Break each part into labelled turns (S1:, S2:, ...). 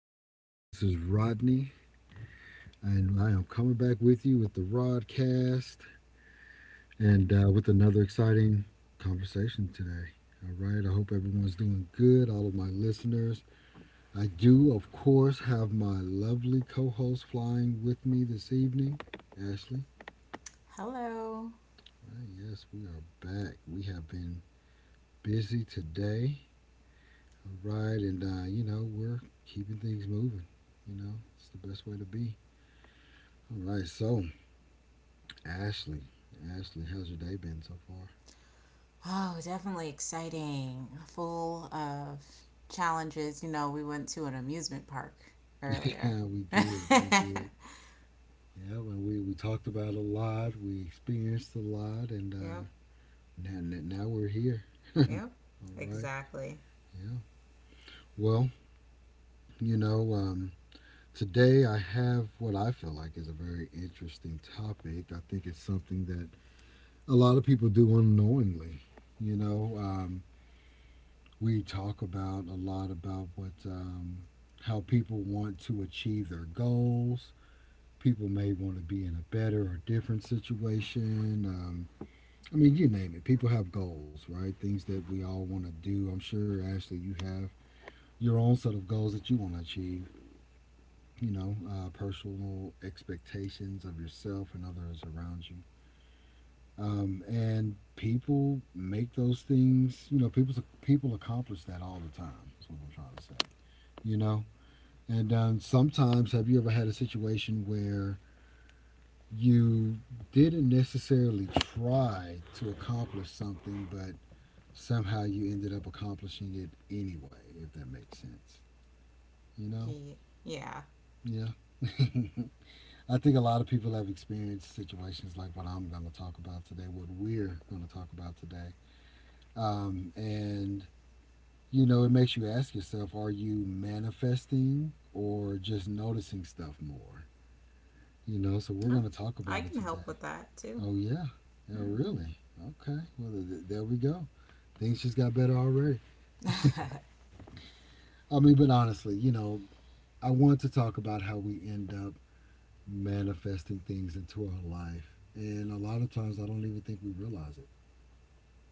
S1: back, y'all. This is Rodney, and I am coming back with you with the Rodcast and with another exciting conversation today. All right, I hope everyone's doing good, all of my listeners. I do, of course, have my lovely co host flying with me this evening, Ashley.
S2: Hello.
S1: Ah, yes, we are back. We have been busy today. All right, and we're keeping things moving. It's the best way to be. All right, so Ashley, Ashley, how's your day been so far?
S2: Oh, definitely exciting. Full of challenges. You know, we went to an amusement park earlier.
S1: Yeah, we did, we
S2: Yep.
S1: did. Yeah, and we talked about a lot, we experienced a lot, and now we're here.
S2: Yep.
S1: All right.
S2: Exactly.
S1: Yeah. Well, you know, um, today I have what I feel like is a very interesting topic. I think it's something that a lot of people do unknowingly. You know, um, we talk about a lot about what how people want to achieve their goals, people may want to be in a better or different situation. I mean, you name it. People have goals, right? Things that we all want to do. I'm sure, Ashley, you have your own set of goals that you want to achieve, you know, personal expectations of yourself and others around you. And people make those things, you know, people accomplish that all the time. That's what I'm trying to say, you know? And sometimes, have you ever had a situation where you didn't necessarily try to accomplish something, but somehow you ended up accomplishing it anyway, if that makes sense. You know?
S2: Ye- Yeah.
S1: Yeah. I think a lot of people have experienced situations like what I'm going to talk about today, what we're going to talk about today. And, it makes you ask yourself, are you manifesting or just noticing stuff more? So we're
S2: Oh,
S1: going to talk
S2: I
S1: about it
S2: can
S1: today.
S2: help with that too.
S1: Oh, yeah, yeah,
S2: Hmm.
S1: really. Okay, well there we go. Things just got better already. I mean, but honestly, I want to talk about how we end up manifesting things into our life, and a lot of times I don't even think we realize it.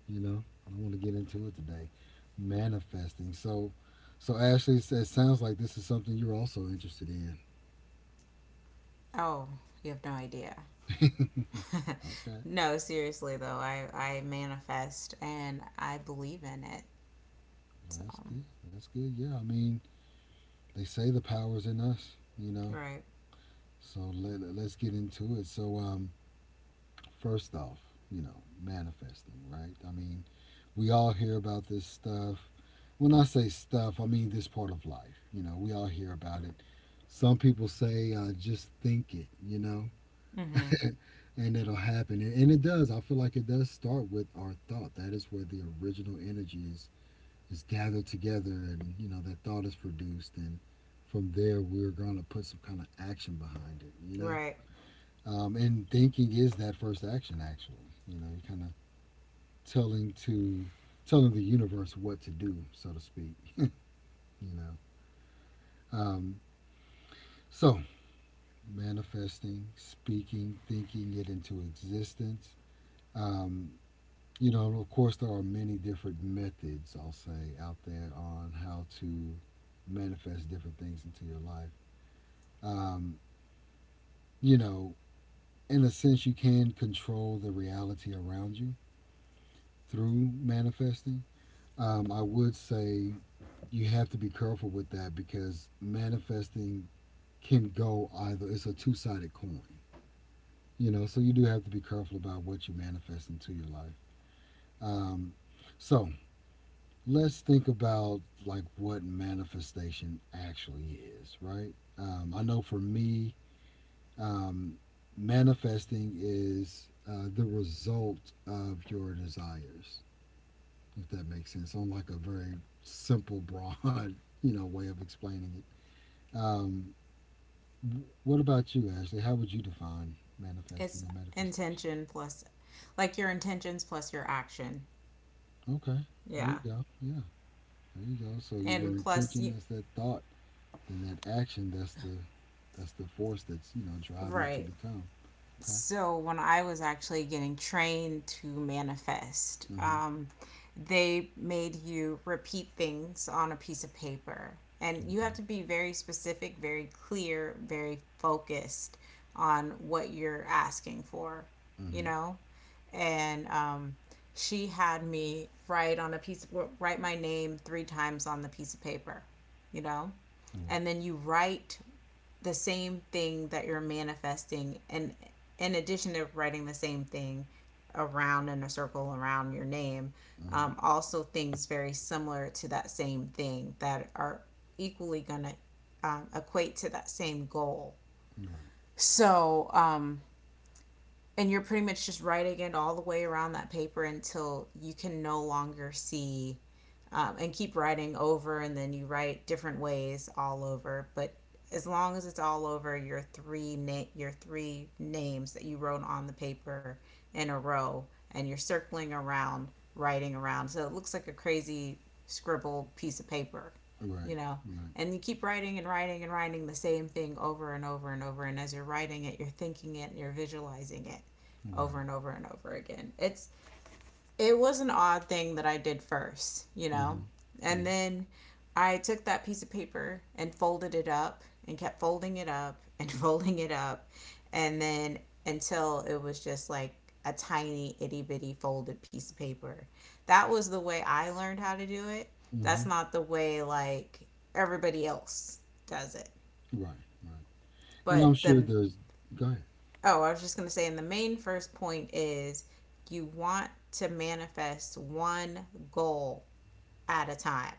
S1: I don't want to get into it today. Manifesting. So, Ashley, it sounds like this is something you're also interested in.
S2: Oh, you have no idea.
S1: Okay,
S2: No, seriously though, I manifest and I believe in it.
S1: well,
S2: So.
S1: that's good. That's good. Yeah, I mean, they say the power's in us.
S2: Right.
S1: So let's get into it. So, first off, you know, manifesting, right? I mean, we all hear about this stuff. When I say stuff, I mean this part of life. You know, we all hear about it. Some people say, just think it,
S2: Mhm.
S1: and it'll happen. And it does. I feel like it does start with our thought. That is where the original energy is, gathered together, and that thought is produced. And from there, we're going to put some kind of action behind it, you know?
S2: Right.
S1: And thinking is that first action, actually. You kind of telling to telling the universe what to do, so to speak. You know. Um, so manifesting, speaking, thinking it into existence. Um, of course, there are many different methods I'll say out there on how to manifest different things into your life. Um, you know, in a sense, you can control the reality around you through manifesting. I would say you have to be careful with that, because manifesting can go either, it's a two-sided coin, so you do have to be careful about what you manifest into your life. um, so let's think about like what manifestation actually is, right? I know for me, um, manifesting is the result of your desires, if that makes sense, on like a very simple broad way of explaining it. um, What about you, Ashley? How would you define
S2: it's
S1: manifesting or manifestation?
S2: intention plus Like your intentions plus your action.
S1: Okay, there you
S2: Yeah.
S1: go. Yeah, there you go. So your
S2: And plus
S1: intention
S2: you.
S1: is that thought, then that action. That's the force that's, driving it
S2: Right.
S1: to become. Okay.
S2: So when I was actually getting trained to manifest,
S1: Mhm.
S2: they made you repeat things on a piece of paper. And you have to
S1: Okay.
S2: be very specific, very clear, very focused on what you're asking for, you
S1: Mhm.
S2: know? And she had me write my name three times on the piece of paper, you know? And
S1: Right.
S2: then you write the same thing that you're manifesting, and in addition to writing the same thing around in a circle around your name,
S1: Mhm.
S2: also things very similar to that same thing that are equally going to equate to that same goal. So and you're pretty much just writing it all the way around that paper until you can no longer see, and keep writing over, and then you write different ways all over, but as long as it's all over your your three names that you wrote on the paper in a row, and you're circling around writing around so it looks like a crazy scribbled piece of paper,
S1: Right. Right.
S2: you know.
S1: Right.
S2: And you keep writing and writing and writing the same thing over and over and over, and as you're writing it you're thinking it and you're visualizing it over
S1: Right.
S2: and over and over again. It was an odd thing that I did first, you know.
S1: Mhm.
S2: And
S1: Yeah.
S2: then I took that piece of paper and folded it up and kept folding it up and folding it up and then until it was just like a tiny itty bitty folded piece of paper. That was the way I learned how to do it. That's
S1: Mhm.
S2: not the way like everybody else does it.
S1: Right. Right. And I'm
S2: But
S1: sure
S2: the—
S1: there's. Go ahead.
S2: Oh, I was just going to say, and the main first point is you want to manifest one goal at a time,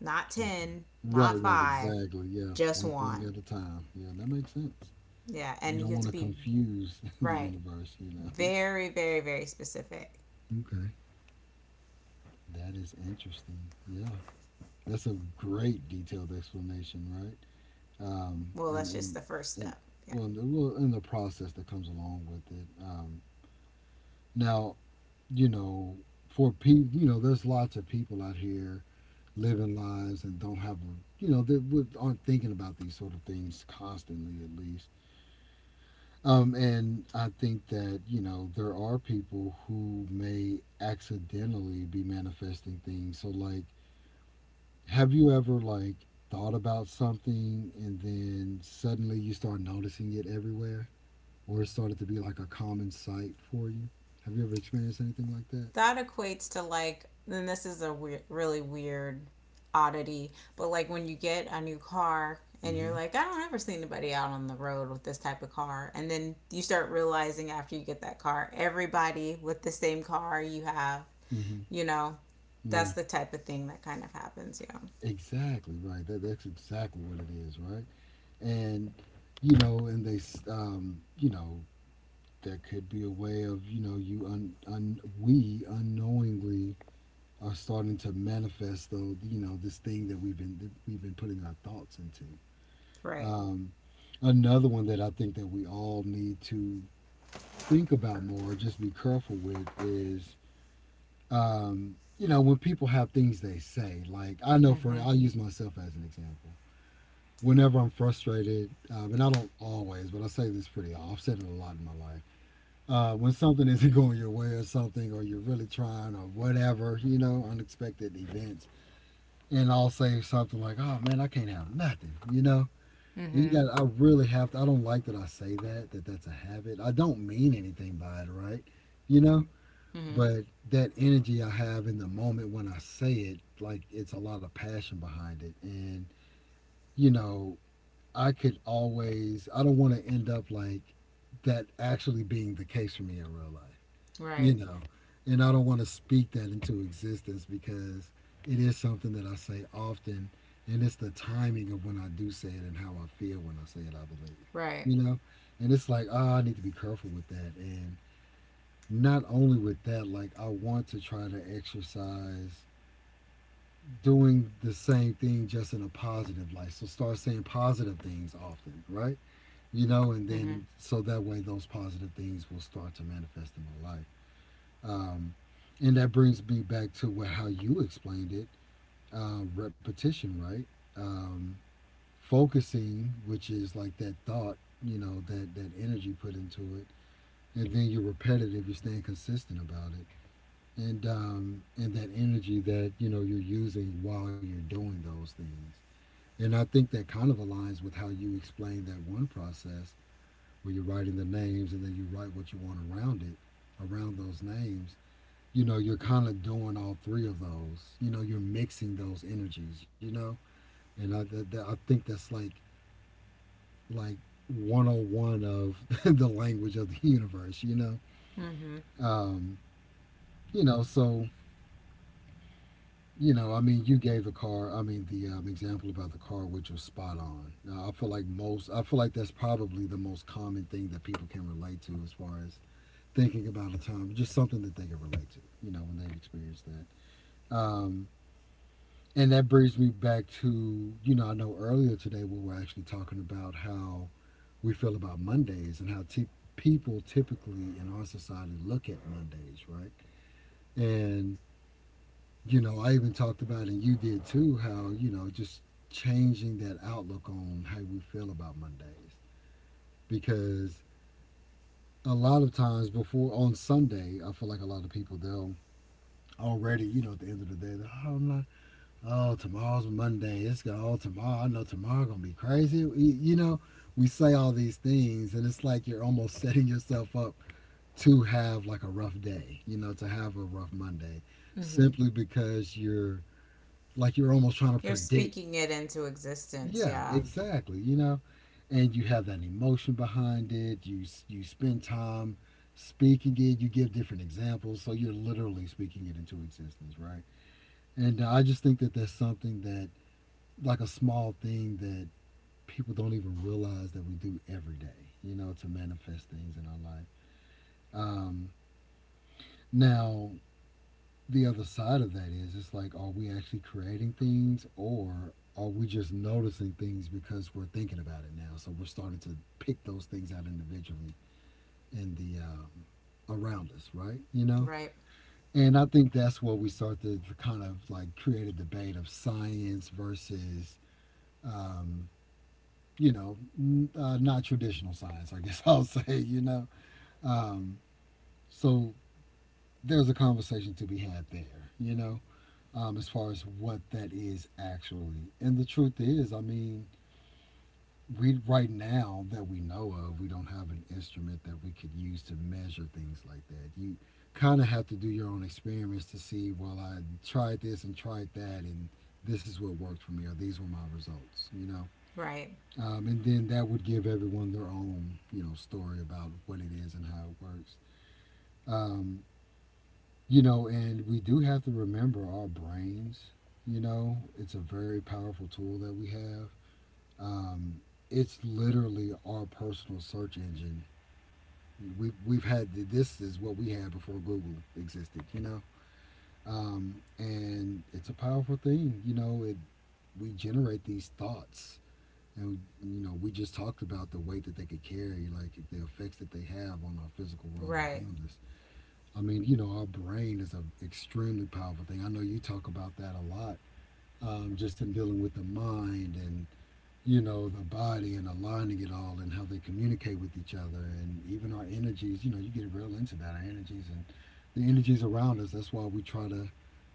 S2: not
S1: Okay.
S2: 10, not
S1: Right. Right.
S2: five,
S1: Exactly. Yeah.
S2: just
S1: One thing
S2: one.
S1: at a time. Yeah. That makes sense.
S2: Yeah. And
S1: You
S2: you
S1: don't
S2: have to
S1: want to
S2: be,
S1: confuse the
S2: right,
S1: universe.
S2: very, very, very specific.
S1: Okay. That is interesting. Yeah, that's a great detailed explanation, right?
S2: Well,
S1: And
S2: that's just the first
S1: and
S2: step. Yeah.
S1: well, and the process that comes along with it. Now, you know, for people, there's lots of people out here living lives and don't have a, you know, they would- aren't thinking about these sort of things constantly, at least. And I think that, there are people who may accidentally be manifesting things. So, like, have you ever, like, thought about something and then suddenly you start noticing it everywhere? Or it started to be like a common sight for you? Have you ever experienced anything like that?
S2: That equates to, like, then this is a really weird oddity, but like when you get a new car and
S1: Mm-hmm.
S2: you're like, I don't ever see anybody out on the road with this type of car. And then you start realizing after you get that car, everybody with the same car you have,
S1: Mm-hmm.
S2: you know,
S1: Yeah.
S2: that's the type of thing that kind of happens, you know?
S1: Exactly right. That's exactly what it is, right? And you know, and they s- you know, that could be a way of you un, un we unknowingly are starting to manifest, though, this thing that we've been putting our thoughts into.
S2: Right.
S1: um, Another one that I think that we all need to think about more, just be careful with, is you know, when people have things they say, like, I know, for
S2: Mm-hmm.
S1: I'll use myself as an example, whenever I'm frustrated. And I don't always, but I say this pretty often. I've said it a lot in my life. When something isn't going your way, or something, or you're really trying or whatever, you know, unexpected events. And I'll say something like, oh man, I can't have nothing, you know? And you
S2: Mm-hmm.
S1: got, I really have to, I don't like that I say that, that's a habit. I don't mean anything by it, right? You know?
S2: Mm-hmm.
S1: But that energy I have in the moment when I say it, like it's a lot of passion behind it. And, you know, I could always, I don't want to end up like that actually being the case for me in real life,
S2: Right.
S1: you know and I don't want to speak that into existence, because it is something that I say often, and it's the timing of when I do say it and how I feel when I say it, I believe,
S2: Right.
S1: you know and it's like, ah, I need to be careful with that. And not only with that, like, I want to try to exercise doing the same thing, just in a positive light, so start saying positive things often, right? And
S2: Mm-hmm.
S1: then, so that way those positive things will start to manifest in my life. um, and that brings me back to what, how you explained it, repetition, right? Um, Focusing, which is like that thought, you know, that, that energy put into it. And then you're repetitive, you're staying consistent about it. And that energy that, you're using while you're doing those things. And I think that kind of aligns with how you explained that one process, where you're writing the names and then you write what you want around it, around those names. You're kind of doing all three of those. You're mixing those energies, you know and I, that, that- I think that's like like 101 of the language of the universe.
S2: Mm-hmm.
S1: um so, I mean, you gave the car, I mean the example about the car, which was spot on. Now I feel like that's probably the most common thing that people can relate to, as far as thinking about a time, just something that they can relate to, when they've experienced that. um And that brings me back to, I know earlier today we were actually talking about how we feel about Mondays, and how people typically in our society look at Mondays, right? And, I even talked about, and you did too, how, just changing that outlook on how we feel about Mondays. Because a lot of times before, on Sunday, I feel like a lot of people, they'll already, at the end of the day, they're, oh, I oh, tomorrow's Monday. It's going to, oh, tomorrow, I know tomorrow going to be crazy. Know, we say all these things, and it's like you're almost setting yourself up to have like a rough day, to have a rough Monday,
S2: Mm-hmm.
S1: simply because you're almost trying to
S2: You're
S1: predict.
S2: speaking it into existence,
S1: Yeah,
S2: yeah.
S1: exactly. And you have that emotion behind it. You spend time speaking it, you give different examples, so you're literally speaking it into existence, right? And I just think that that's something that, like, a small thing that people don't even realize that we do every day, to manifest things in our life. Um, Now, the other side of that is, it's like, are we actually creating things, or are we just noticing things because we're thinking about it now? So we're starting to pick those things out individually in the around us, right?
S2: Right.
S1: And I think that's where we start to kind of like create a debate of science versus um, you know, not traditional science, I guess I'll say. Um, so there's a conversation to be had there, as far as what that is actually. And the truth is, I mean, we right now, that we know of, we don't have an instrument that we could use to measure things like that. You kind of have to do your own experiments to see, well, I tried this and tried that, and this is what worked for me, or these were my results.
S2: Right.
S1: And then that would give everyone their own story about what it is and how it works. Um, and we do have to remember our brains. It's a very powerful tool that we have. Um, it's literally our personal search engine. We, we've had This is what we had before Google existed. And it's a powerful thing. You know, it We generate these thoughts. And we just talked about the weight that they could carry, like the effects that they have on our physical world
S2: Right.
S1: around us. I mean, our brain is an extremely powerful thing. I know you talk about that a lot, just in dealing with the mind and the body and aligning it all and how they communicate with each other and even our energies. You get real into that. Our energies and the energies around us. That's why we try to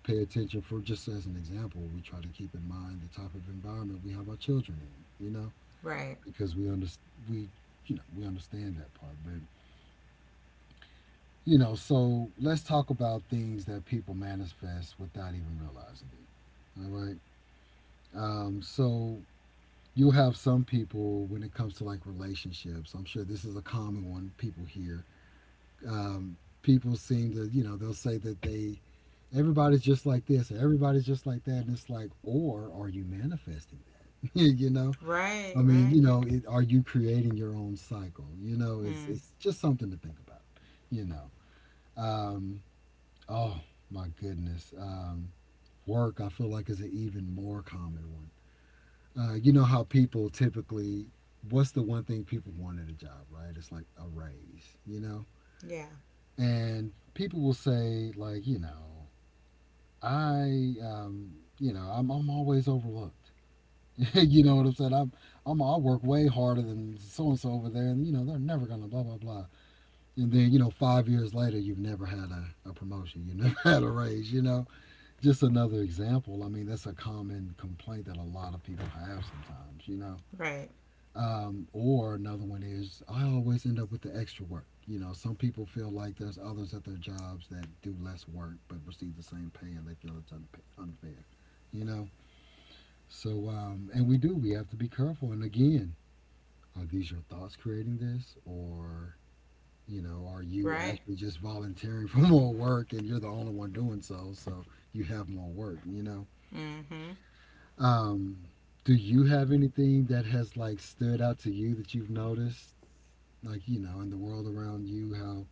S1: pay attention. For, just as an example, we try to keep in mind the type of environment we have our children in. You know
S2: Right.
S1: because we we understand that part, but, so let's talk about things that people manifest without even realizing it, all right, so you have some people when it comes to, like, relationships. I'm sure this is a common one people hear. People seem to, they'll say that they everybody's just like this, or everybody's just like that, and it's like, or are you manifesting that you know I
S2: Right.
S1: mean, you
S2: Right.
S1: know, it, are you creating your own cycle? You know, it's
S2: Mm.
S1: it's just something to think about. You know, um, oh my goodness, work, I feel like, is an even more common one. You know how people typically, what's the one thing people want at a job, right? It's like a raise. You know,
S2: Yeah.
S1: and people will say, like, I, um, I'm always overlooked. You know what I'm saying? I work way harder than so and so over there, and they're never gonna blah blah blah. And then 5 years later, you've never had a promotion, you never had a raise. Just another example. I mean, that's a common complaint that a lot of people have sometimes. You know,
S2: Right.
S1: um, or another one is, I always end up with the extra work. Some people feel like there's others at their jobs that do less work but receive the same pay, and they feel it's unfair. You know, so, and we do. We have to be careful. And again, are these your thoughts creating this? Or, are you
S2: Right.
S1: actually just volunteering for more work, and you're the only one doing so? So you have more work?
S2: Mm-hmm.
S1: Um, do you have anything that has, like, stood out to you that you've noticed? Like, in the world around you, how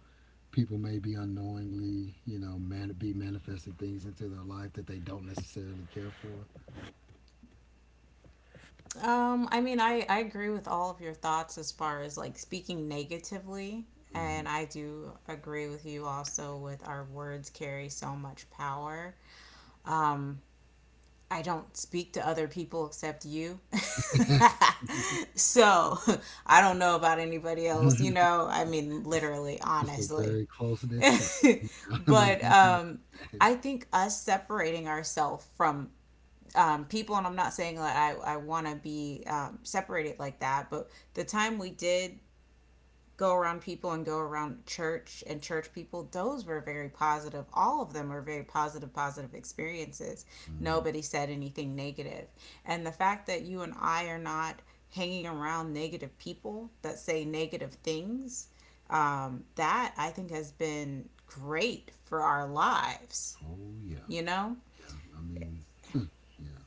S1: people may be unknowingly, be manifesting things into their life that they don't necessarily care for?
S2: I mean, I agree with all of your thoughts as far as like speaking negatively.
S1: Hmm.
S2: And I do agree with you, also, with our words carry so much power. Um, I don't speak to other people except you. So I don't know about anybody else, you know? I mean,
S1: it's,
S2: literally,
S1: it's a
S2: honestly.
S1: very close knit circle. There's
S2: But
S1: nothing wrong with that.
S2: I think us separating ourselves from people, and I'm not saying that I want to be separated like that, but the time we did go around people and go around church and church people, those were very positive. All of them were very positive experiences.
S1: Hmm.
S2: Nobody said anything negative. And the fact that you and I are not hanging around negative people that say negative things, that I think has been great for our lives,
S1: Oh, yeah.
S2: you know?
S1: Yeah, I mean, yeah.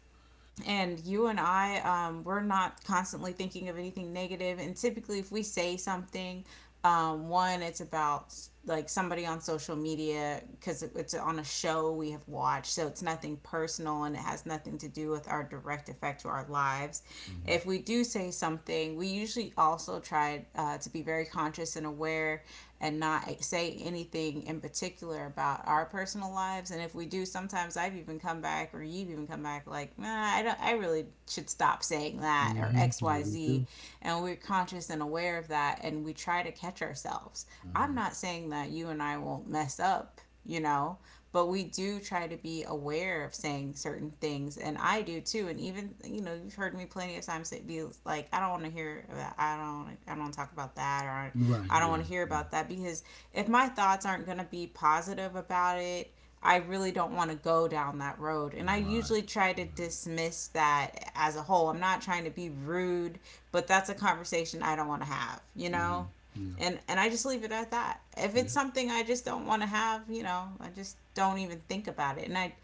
S2: And you and I, we're not constantly thinking of anything negative. And typically, if we say something, one, it's about like somebody on social media because it's on a show we have watched. So it's nothing personal, and it has nothing to do with our direct effect to our lives.
S1: Mm-hmm.
S2: If we do say something, we usually also try to be very conscious and aware and not say anything in particular about our personal lives. And if we do, sometimes I've even come back, or you've even come back like, nah, I don't, I really should stop saying that, or
S1: Mm-hmm.
S2: X,
S1: Yeah,
S2: Y,
S1: we
S2: Z,
S1: do.
S2: and we're conscious and aware of that and we try to catch ourselves. I'm
S1: Mm-hmm.
S2: not saying that you and I won't mess up, you know, but we do try to be aware of saying certain things, and I do too. And even, you know, you've heard me plenty of times be like, I don't want to hear that, I don't talk about that, or
S1: Right,
S2: I don't want to
S1: right.
S2: hear
S1: Yeah.
S2: about that, because if my thoughts aren't going to be positive about it I really don't want to go down that road. And I usually
S1: Right,
S2: try to
S1: right.
S2: dismiss that as a whole. I'm not trying to be rude, but that's a conversation I don't want to have, you
S1: Mm-hmm.
S2: know?
S1: Yeah,
S2: And I just leave it at that. If
S1: yeah,
S2: it's something I just don't want to have, you know, I just don't even think about it. And I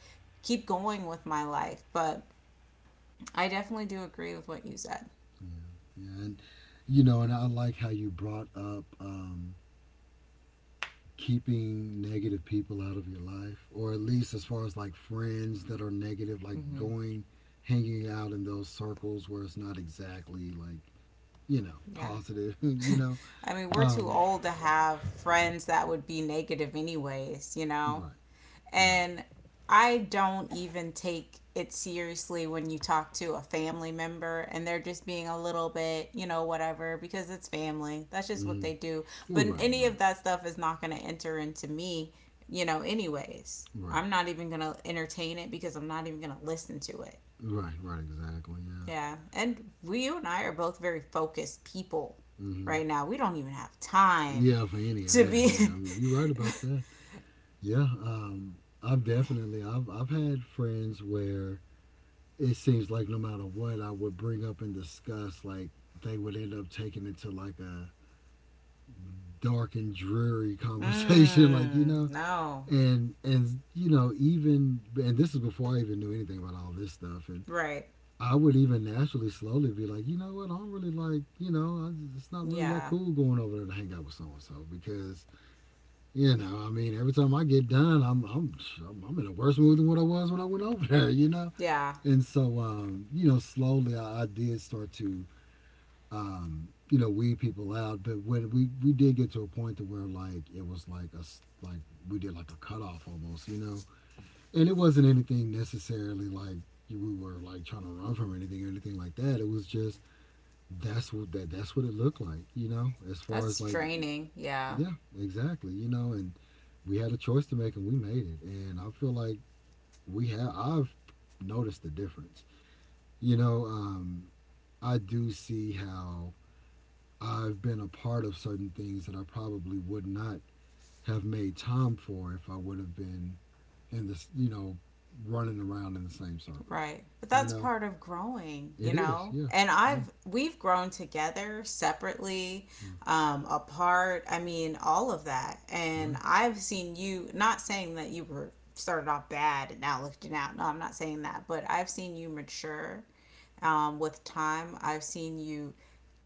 S2: keep going with my life. But I definitely do agree with what you said.
S1: yeah, yeah. And I like how you brought up, keeping negative people out of your life, or at least as far as, like, friends that are negative, like
S2: Mm-hmm.
S1: going, hanging out in those circles where it's not exactly, like, you know,
S2: Yeah.
S1: positive,
S2: I mean, we're too
S1: Um,
S2: old to have friends that would be negative anyways, you know?
S1: right, right.
S2: And I don't even take it seriously when you talk to a family member and they're just being a little bit, you know, whatever, because it's family. That's just what they
S1: Mm-hmm.
S2: do.
S1: Well,
S2: But
S1: right,
S2: any of
S1: right,
S2: that stuff is not going to enter into me, you know, anyways.
S1: right.
S2: I'm not even going to entertain it because I'm not even going to listen to it.
S1: Right, right, exactly. Yeah.
S2: Yeah. And we, you and I are both very focused people
S1: Hmm.
S2: right now. We don't even have time
S1: Yeah, for any of
S2: to
S1: that.
S2: be.
S1: Yeah, I mean, you're right about that. Yeah. I've definitely I've had friends where it seems like, no matter what I would bring up and discuss, like, they would end up taking it to, like, a dark and dreary conversation like you
S2: Mm,
S1: know
S2: no.
S1: and and you know even, and this is before I even knew anything about all this stuff. And
S2: Right.
S1: I would even naturally slowly be like, you know what, I don't really like, it's not really that
S2: Yeah.
S1: cool going over there to hang out with so and so, because, I mean, every time I get done, I'm in a worse mood than what I was when I went over there?
S2: Yeah.
S1: And so, slowly I did start to weed people out. But when we did get to a point to where, like, it was like us, like we did like a cutoff almost? And it wasn't anything necessarily, like, we were, like, trying to run from anything or anything like that. It was just that's what that's what it looked like, as far
S2: That's
S1: as, like,
S2: draining. Yeah.
S1: yeah, exactly, and we had a choice to make, and we made it. And I feel like we have I've noticed the difference. You know, um I do see how I've been a part of certain things that I probably would not have made time for if I would have been in this, running around in the same circles.
S2: Right. But
S1: You
S2: that's
S1: know,
S2: part of growing, you
S1: it is,
S2: know?
S1: yeah.
S2: And
S1: Mm,
S2: I've we've grown together separately,
S1: mm,
S2: apart, I mean, all of that. And
S1: right.
S2: I've seen you— not saying that you were started off bad and now looking out. No, I'm not saying that, but I've seen you mature with time. I've seen you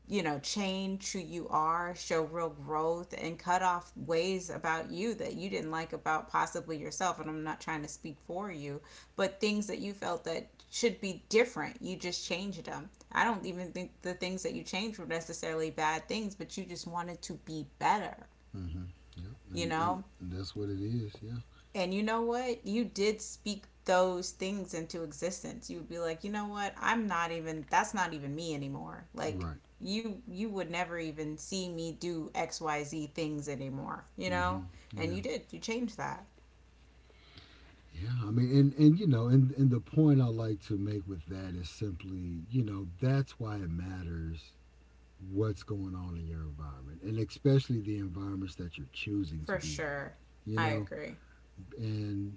S2: you know, change who you are, show real growth, and cut off ways about you that you didn't like about possibly yourself. And I'm not trying to speak for you, but things that you felt that should be different, you just changed them. I don't even think the things that you changed were necessarily bad things, but you just wanted to be better,
S1: Mm-hmm. Yep.
S2: you
S1: And, and
S2: know?
S1: and that's what it is, yeah.
S2: And you know what? You did speak those things into existence. You would be like, you know what? I'm not even— that's not even me anymore. Like
S1: Right.
S2: you would never even see me do XYZ things anymore, you know?
S1: Hmm.
S2: And
S1: Yeah.
S2: you did. You changed that.
S1: Yeah. I mean, and you know, and the point I like to make with that is simply, that's why it matters what's going on in your environment, and especially the environments that you're choosing to
S2: For
S1: be in.
S2: sure.
S1: You
S2: I
S1: know,
S2: agree.
S1: and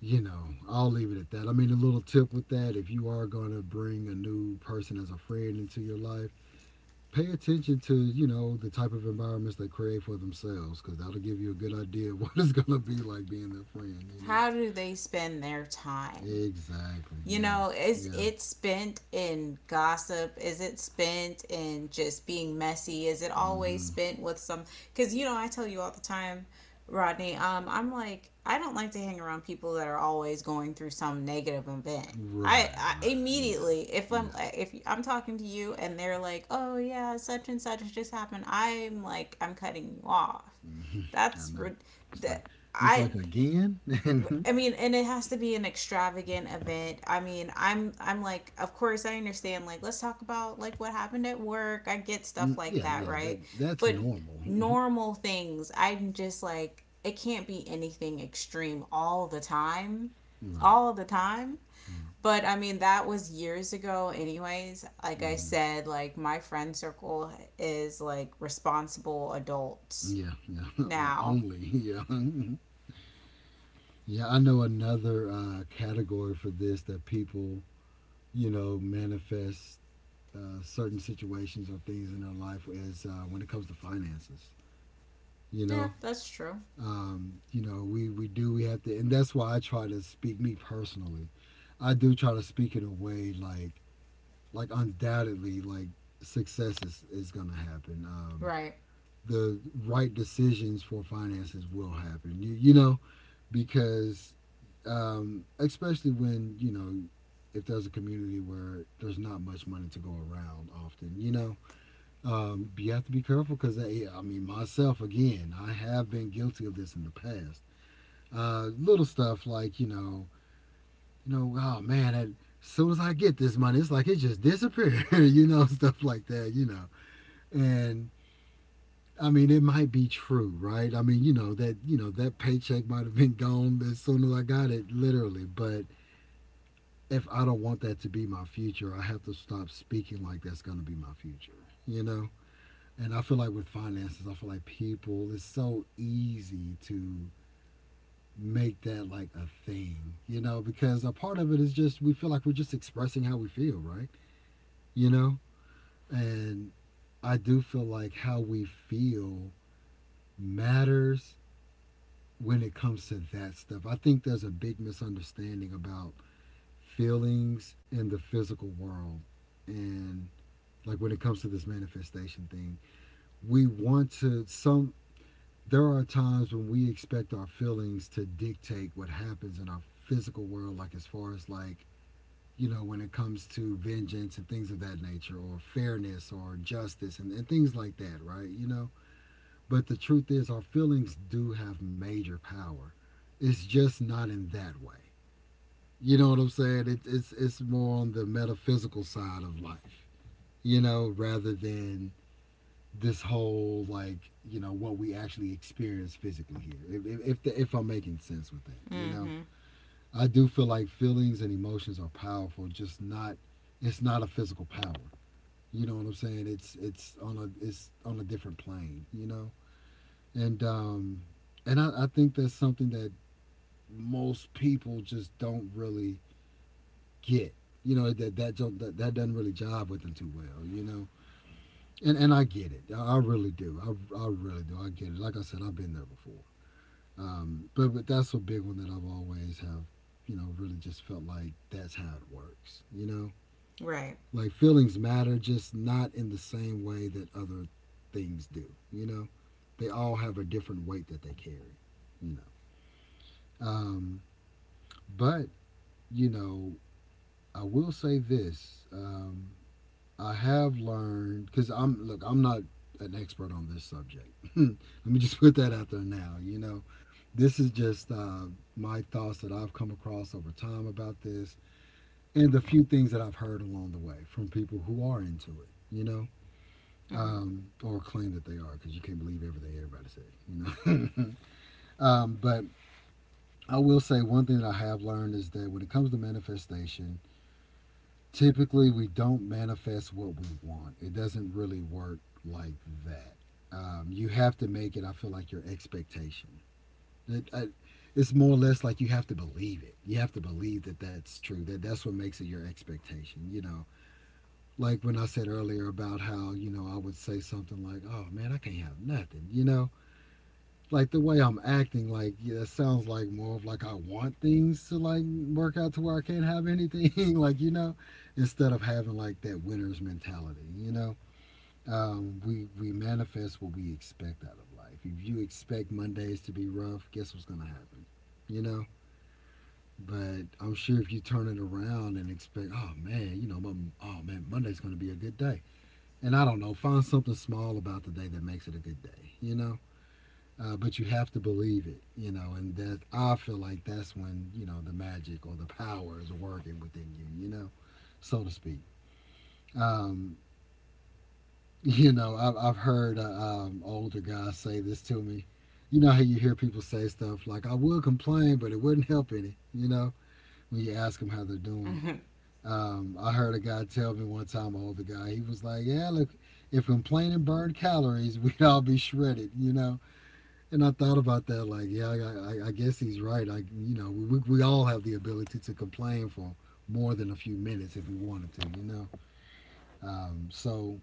S1: you know, I'll leave it at that. I mean, a little tip with that: if you are going to bring a new person as a friend into your life, pay attention to the type of environments they create for themselves, because that'll give you a good idea of what it's going to be like being their friend.
S2: How do they spend their time?
S1: Exactly.
S2: You
S1: Yeah.
S2: know, is
S1: Yeah.
S2: it spent in gossip, is it spent in just being messy, is it always
S1: Hmm.
S2: spent with some, because you know I tell you all the time, Rodney, I'm like, I don't like to hang around people that are always going through some negative event. I,
S1: Right.
S2: I
S1: Right. Yeah.
S2: immediately, if I'm
S1: Yeah.
S2: if I'm talking to you and they're like, oh yeah, such and such just happened, I'm like, I'm cutting you off.
S1: Hmm. I
S2: That's
S1: know. It's
S2: that.
S1: like it's like
S2: I
S1: again. Mhm.
S2: I mean, and it has to be an extravagant event. I mean, I'm like, of course I understand, like, let's talk about like what happened at work. I get stuff
S1: Mm,
S2: like
S1: yeah.
S2: that,
S1: Yeah. That
S2: right?
S1: that's
S2: But
S1: normal. Mhm.
S2: normal things, I'm just like, it can't be anything extreme all the time.
S1: Right.
S2: All the time. But I mean, that was years ago anyways. Like I
S1: Mm-hmm.
S2: said, like my friend circle is like responsible adults
S1: Yeah. Yeah. O-
S2: now.
S1: Only. Yeah. Mhm. Yeah. I know another category for this that people manifest certain situations or things in their life is when it comes to finances. You
S2: Yeah,
S1: know,
S2: that's true.
S1: we do. We have to, and that's why I try to speak, me personally. I do try to speak in a way, like undoubtedly, like success is going to happen.
S2: Right.
S1: The right decisions for finances will happen, because, especially when, if there's a community where there's not much money to go around often, you have to be careful, because, I mean, myself again, I have been guilty of this in the past. Little stuff, like, oh man, as soon as I get this money, it's like it just disappeared, stuff like that. And I mean, it might be true, right? I mean, you know that paycheck might have been gone as soon as I got it, literally. But if I don't want that to be my future, I have to stop speaking like that's going to be my future, you know. And I feel like with finances, I feel like people, it's so easy to make that like a thing, you know, because a part of it is just we feel like we're just expressing how we feel, right? You know, and I do feel like how we feel matters when it comes to that stuff. I think there's a big misunderstanding about feelings in the physical world and like when it comes to this manifestation thing. We want to some there are times when we expect our feelings to dictate what happens in our physical world, like as far as like, you know, when it comes to vengeance and things of that nature, or fairness or justice and things like that, right? You know, but the truth is, our feelings do have major power. It's just not in that way. You know what I'm saying? It's more on the metaphysical side of life, you know, rather than this whole like, you know, what we actually experience physically here. If I'm making sense with that,
S2: Mm.
S1: you know.
S2: Mhm.
S1: I do feel like feelings and emotions are powerful, just not a physical power. You know what I'm saying? It's on a different plane. You know, and um, and I think that's something that most people just don't really get. You know, that that don't- that, that doesn't really jive with them too well. You know, and I get it. I really do. I really do. I get it. Like I said, I've been there before. But that's a big one that I've always have. You know, really just felt like that's how it works. You know,
S2: Right.
S1: like feelings matter, just not in the same way that other things do. You know, they all have a different weight that they carry. You know, um, but you know, I will say this. I have learned because I'm look, I'm not an expert on this subject. Let me just put that out there now. You know, this is just my thoughts that I've come across over time about this and the few things that I've heard along the way from people who are into it, you know.
S2: Hmm.
S1: Or claim that they are, because you can't believe everything everybody says, you know. But I will say one thing that I have learned is that when it comes to manifestation, typically we don't manifest what we want. It doesn't really work like that. You have to make it. I feel like your expectation. It, I, it's more or less like you have to believe it. You have to believe that that's true. That that's what makes it your expectation. You know, like when I said earlier about how, you know, I would say something like, "Oh man, I can't have nothing," you know, like the way I'm acting, like, yeah, it sounds like more of like I want things to like work out to where I can't have anything, like you know, instead of having like that winner's mentality, you know. We manifest what we expect out of life. If you expect Mondays to be rough, guess what's gonna happen, you know. But I'm sure if you turn it around and expect, oh man, you know, oh man, Monday's gonna be a good day, and I don't know, find something small about the day that makes it a good day, you know. But you have to believe it, you know, and that, I feel like that's when you know the magic or the power is working within you, you know, so to speak. Um, you know, I've heard older guys say this to me. You know how you hear people say stuff like, "I will complain, but it wouldn't help any," you know, when you ask them how they're doing.
S2: Hmm.
S1: I heard a guy tell me one time, an older guy. He was like, "Yeah, look, if complaining burned calories, we'd all be shredded," you know. And I thought about that, like, yeah, I guess he's right. I, you know, we all have the ability to complain for more than a few minutes if we wanted to, you know. Um, so,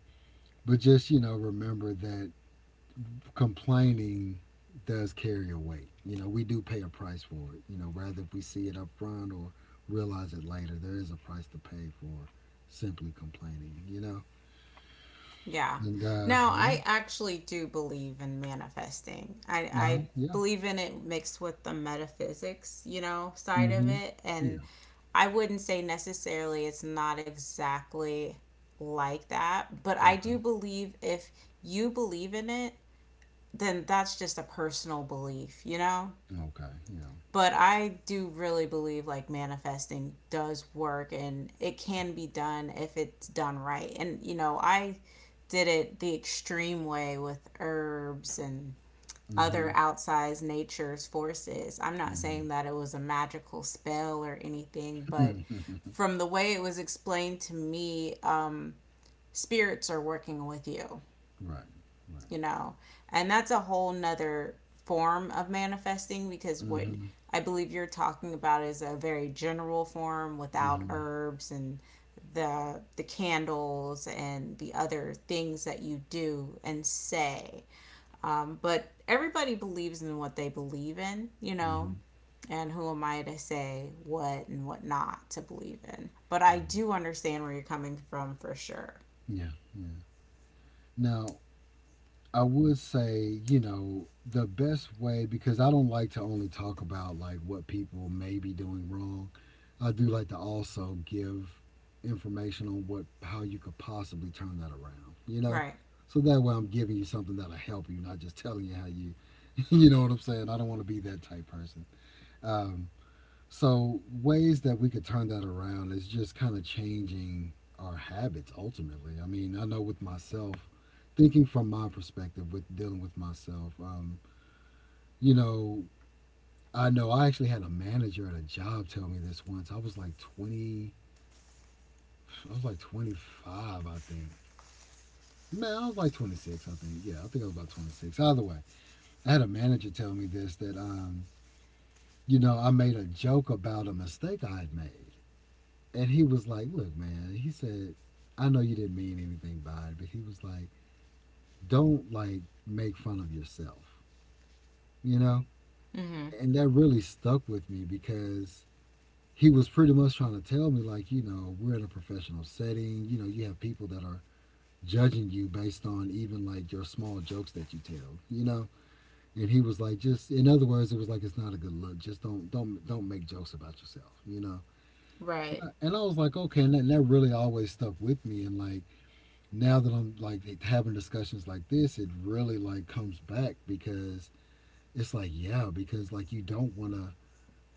S1: but just, you know, remember that complaining does carry a weight. You know, we do pay a price for it. You know, rather if we see it up front or realize it later, there is a price to pay for simply complaining. You know,
S2: Yeah.
S1: and
S2: Now,
S1: yeah.
S2: I actually do believe in manifesting. I,
S1: No,
S2: I
S1: yeah.
S2: believe in it mixed with the metaphysics, you know, side of
S1: Mm-hmm.
S2: it. And
S1: Yeah.
S2: I wouldn't say necessarily it's not exactly like that, but I
S1: Okay.
S2: do believe if you believe in it, then that's just a personal belief, you know?
S1: Okay, yeah.
S2: But I do really believe like manifesting does work, and it can be done if it's done right. And you know, I did it the extreme way with herbs and
S1: Mm-hmm.
S2: other outsized nature's forces. I'm not
S1: Mm-hmm.
S2: saying that it was a magical spell or anything, but from the way it was explained to me, spirits are working with you
S1: Right, right.
S2: you know And that's a whole nother form of manifesting, because what
S1: Mhm,
S2: I believe you're talking about is a very general form without
S1: mhm,
S2: herbs and the candles and the other things that you do and say. But everybody believes in what they believe in.
S1: mhm,
S2: And who am I to say what and what not to believe in? But I
S1: mhm.
S2: do understand where you're coming from, for sure.
S1: Yeah, yeah. Now, I would say, you know, the best way, because I don't like to only talk about like what people may be doing wrong. I do like to also give information on what, how you could possibly turn that around, you know?
S2: Right.
S1: So that way I'm giving you something that'll help you, not just telling you how you you know what I'm saying? I don't want to be that type person. Um, So ways that we could turn that around is just kind of changing our habits ultimately. I mean, I know with myself, thinking from my perspective with dealing with myself, you know I actually had a manager at a job tell me this once. I was like 25, I think. Man, I was like 26, I think. Yeah, I think I was about 26. Either way, I had a manager tell me this that you know, I made a joke about a mistake I had made. And he was like, "Look, man," he said, "I know you didn't mean anything by it," but he was like, "don't like make fun of yourself, you know."
S2: Mm-hmm.
S1: And that really stuck with me because he was pretty much trying to tell me, like, you know, we're in a professional setting, you know, you have people that are judging you based on even like your small jokes that you tell, you know. And he was like, just in other words, it was like, it's not a good look. Just don't make jokes about yourself, you know. And
S2: Right.
S1: I, and I was like, okay, and that really always stuck with me. And like now that I'm like having discussions like this, it really like comes back because it's like, yeah, because like you don't want to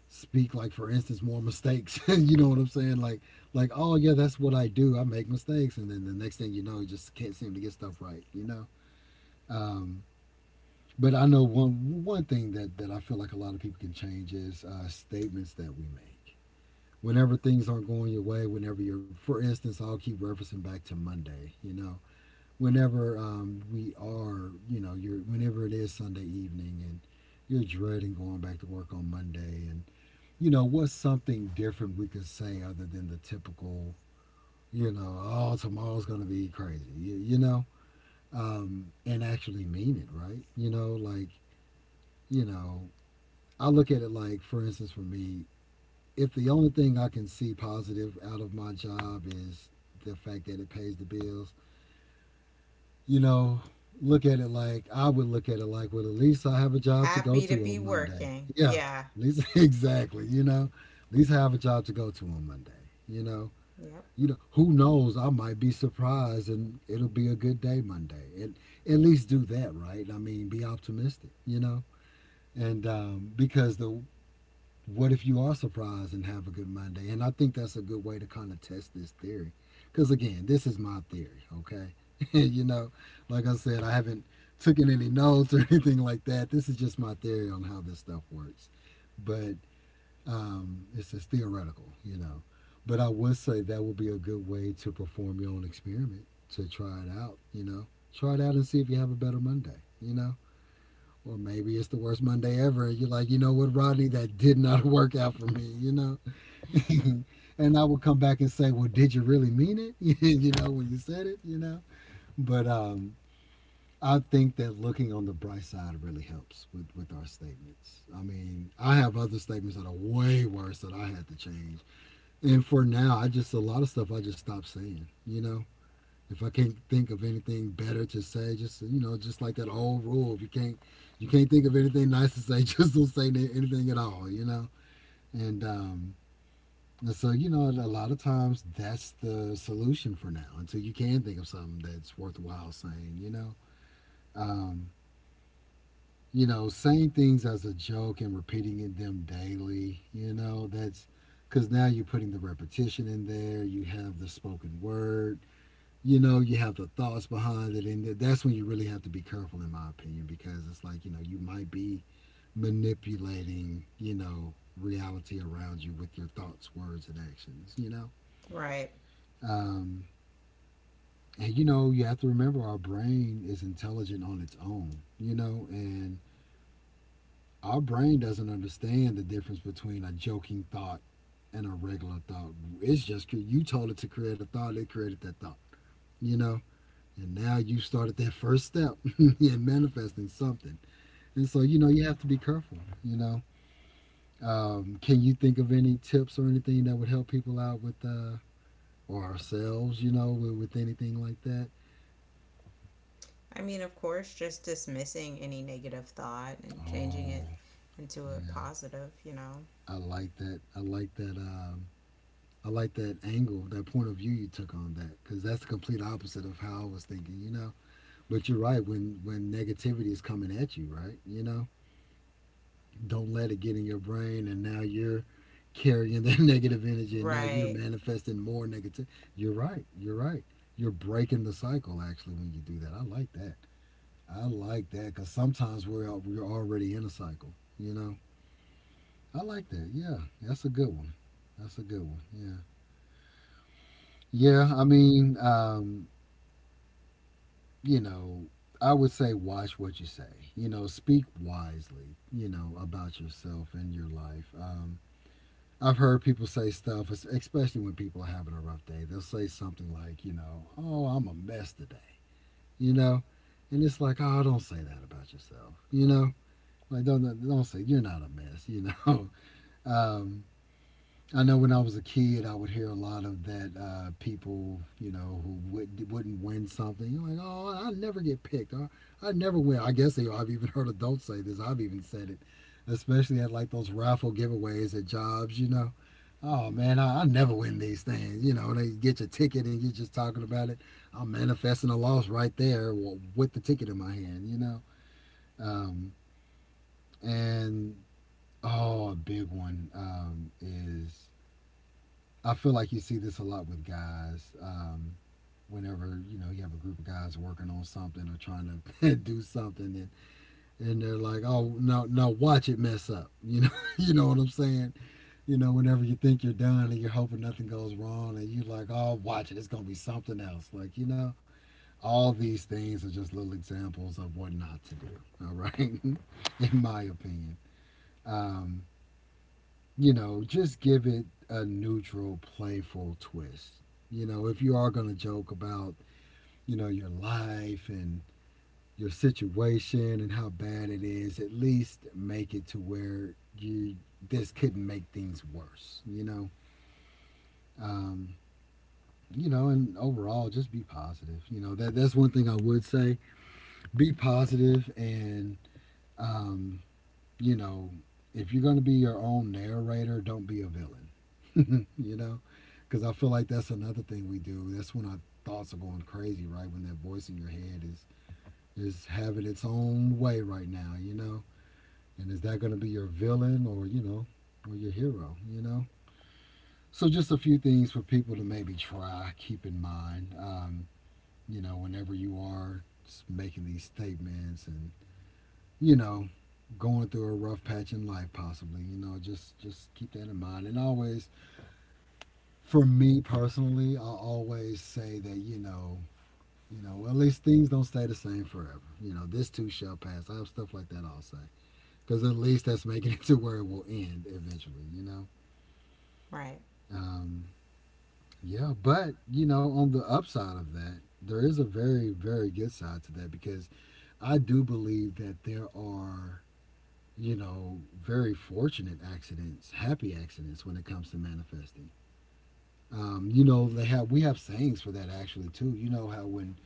S1: speak like, for instance, more mistakes. You know what I'm saying? Like, oh yeah, that's what I do, I make mistakes, and then the next thing you know, you just can't seem to get stuff right, you know. Um, but I know one thing that that I feel like a lot of people can change is statements that we make whenever things aren't going your way, whenever you're, for instance, I'll keep referencing back to Monday, you know, whenever we are, you know, you're whenever it is Sunday evening and you're dreading going back to work on Monday, and you know, what's something different we could say other than the typical, you know, "Oh, tomorrow's gonna be crazy," you know, and actually mean it, right? You know, like, you know, I look at it like, for instance, for me, if the only thing I can see positive out of my job is the fact that it pays the bills, you know, look at it like, I would look at it like, well, at least I have a job to go
S2: Happy to
S1: to
S2: be
S1: on Monday.
S2: working.
S1: Yeah,
S2: Yeah.
S1: at least exactly. You know, at least I have a job to go to on Monday. You know,
S2: Yep.
S1: you know, who knows? I might be surprised, and it'll be a good day Monday. And at least do that, right? I mean, be optimistic. You know, and because the, what if you are surprised and have a good Monday? And I think that's a good way to kind of test this theory. Because again, this is my theory, okay? You know, like I said, I haven't taken any notes or anything like that. This is just my theory on how this stuff works. But it's theoretical, you know. But I would say that would be a good way to perform your own experiment, to try it out, you know. Try it out and see if you have a better Monday, you know. Or maybe it's the worst Monday ever. And you're like, you know what, Rodney, that did not work out for me, you know? And I would come back and say, well, did you really mean it? You know, when you said it, you know? But I think that looking on the bright side really helps with our statements. I mean, I have other statements that are way worse that I had to change. And for now, I just, a lot of stuff I just stopped saying, you know? If I can't think of anything better to say, just you know, just like that old rule, if you can't you can't think of anything nice to say, just don't say anything at all, you know. And um, and so you know, a lot of times that's the solution for now until you can think of something that's worthwhile saying, you know. Um, you know, saying things as a joke and repeating them daily, you know, that's because now you're putting the repetition in there. You have the spoken word. You know you have the thoughts behind it, and that's when you really have to be careful, in my opinion, because it's like you know you might be manipulating you know reality around you with your thoughts, words, and actions, you know.
S2: Right.
S1: um, and you know you have to remember our brain is intelligent on its own, you know, and our brain doesn't understand the difference between a joking thought and a regular thought. It's just you told it to create a thought, it created that thought, you know. And now you started that first step in manifesting something. And so, you know, you have to be careful, you know. Can you think of any tips or anything that would help people out with, or ourselves, you know, with anything like that?
S2: I mean, of course, just dismissing any negative thought and changing it
S1: Oh,
S2: into a
S1: yeah.
S2: positive, you know.
S1: I like that. I like that. I like that angle, that point of view you took on that, because that's the complete opposite of how I was thinking, you know. But you're right when negativity is coming at you, right? You know, don't let it get in your brain and now you're carrying that negative energy and now you're
S2: Right.
S1: manifesting more negative. You're right, you're right, you're breaking the cycle actually when you do that. I like that. I like that because sometimes we're out, we're already in a cycle, you know. I like that. Yeah, that's a good one. That's a good one. Yeah. Yeah, I mean you know I would say watch what you say, you know, speak wisely, you know, about yourself and your life. I've heard people say stuff, especially when people are having a rough day. They'll say something like, you know, oh, I'm a mess today, you know, and it's like, oh, don't say that about yourself, you know, like don't say you're not a mess, you know. Um, I know when I was a kid, I would hear a lot of that people, you know, who would, wouldn't win something. You're like, oh, I never get picked. Or, I never win. I guess they, I've even heard adults say this. I've even said it, especially at like those raffle giveaways at jobs, you know. Oh, man, I never win these things. You know, they get your ticket and you're just talking about it. I'm manifesting a loss right there with the ticket in my hand, you know. Um, and, oh, a big one is I feel like you see this a lot with guys. Whenever you know you have a group of guys working on something or trying to do something, and they're like, "Oh no, no, watch it mess up." You know, you know what I'm saying? You know, whenever you think you're done and you're hoping nothing goes wrong, and you're like, "Oh, watch it, it's gonna be something else." Like you know, all these things are just little examples of what not to do. All right, in my opinion. Um, you know, just give it a neutral, playful twist. You know, if you are going to joke about, you know, your life and your situation and how bad it is, at least make it to where you this couldn't make things worse. Um, you know, and overall, just be positive. You know, that that's one thing I would say: be positive and um, you know, if you're going to be your own narrator, don't be a villain. you know, because I feel like that's another thing we do. That's when our thoughts are going crazy, right? When that voice in your head is having its own way right now, you know. And is that going to be your villain or you know, or your hero? You know. So just a few things for people to maybe try keep in mind. You know, whenever you are making these statements and you know, going through a rough patch in life possibly, you know, just keep that in mind and always for me personally I always say that you know, you know, well, at least things don't stay the same forever, you know, this too shall pass. I have stuff like that I'll say because at least that's making it to where it will end eventually, you know.
S2: Right.
S1: um yeah, but you know on the upside of that there is a very, very good side to that because I do believe that there are, you know, very fortunate accidents, happy accidents when it comes to manifesting. You know, they have we have sayings for that actually too. You know how when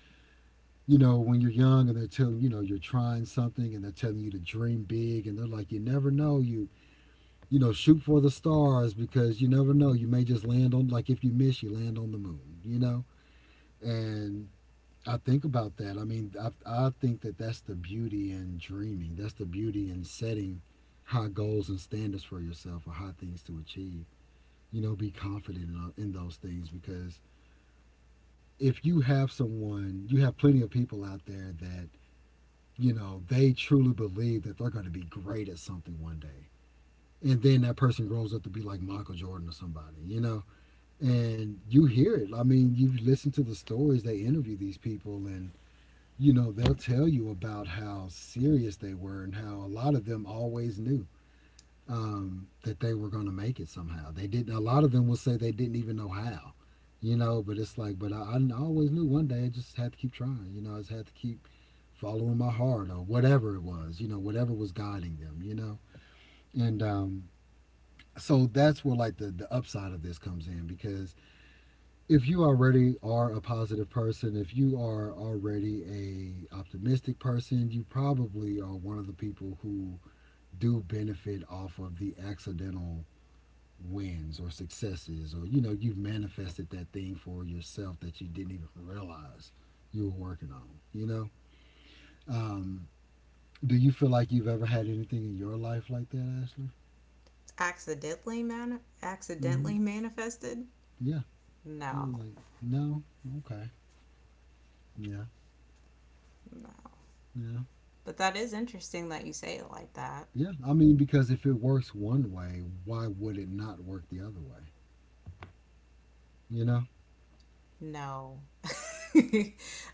S1: you know when you're young and they're telling you know you're trying something and they're telling you to dream big and they're like you never know you you know shoot for the stars because you never know you may just land on, like, if you miss you land on the moon, you know. And I think about that. I mean, I think that that's the beauty in dreaming. That's the beauty in setting high goals and standards for yourself or high things to achieve. You know, be confident in those things because if you have someone, you have plenty of people out there that, you know, they truly believe that they're going to be great at something one day. And then that person grows up to be like Michael Jordan or somebody, you know? And you hear it. I mean, you listen to the stories they interview these people and you know, they'll tell you about how serious they were and how a lot of them always knew that they were going to make it somehow. They didn't. A lot of them will say they didn't even know how, you know. But it's like, but I always knew one day. I just had to keep trying. You know, I just had to keep following my heart or whatever it was. You know, whatever was guiding them. You know, and so that's where like the upside of this comes in because if you already are a positive person, if you are already a optimistic person, you probably are one of the people who do benefit off of the accidental wins or successes or you know you've manifested that thing for yourself that you didn't even realize you were working on, you know. um, do you feel like you've ever had anything in your life like that, Ashley?
S2: Accidentally man
S1: Hmm.
S2: accidentally manifested?
S1: Yeah. You're
S2: No.
S1: like no. Okay. Yeah.
S2: No.
S1: Yeah.
S2: But that is interesting that you say it like that.
S1: Yeah, I mean, because if it works one way, why would it not work the other way? You know?
S2: No.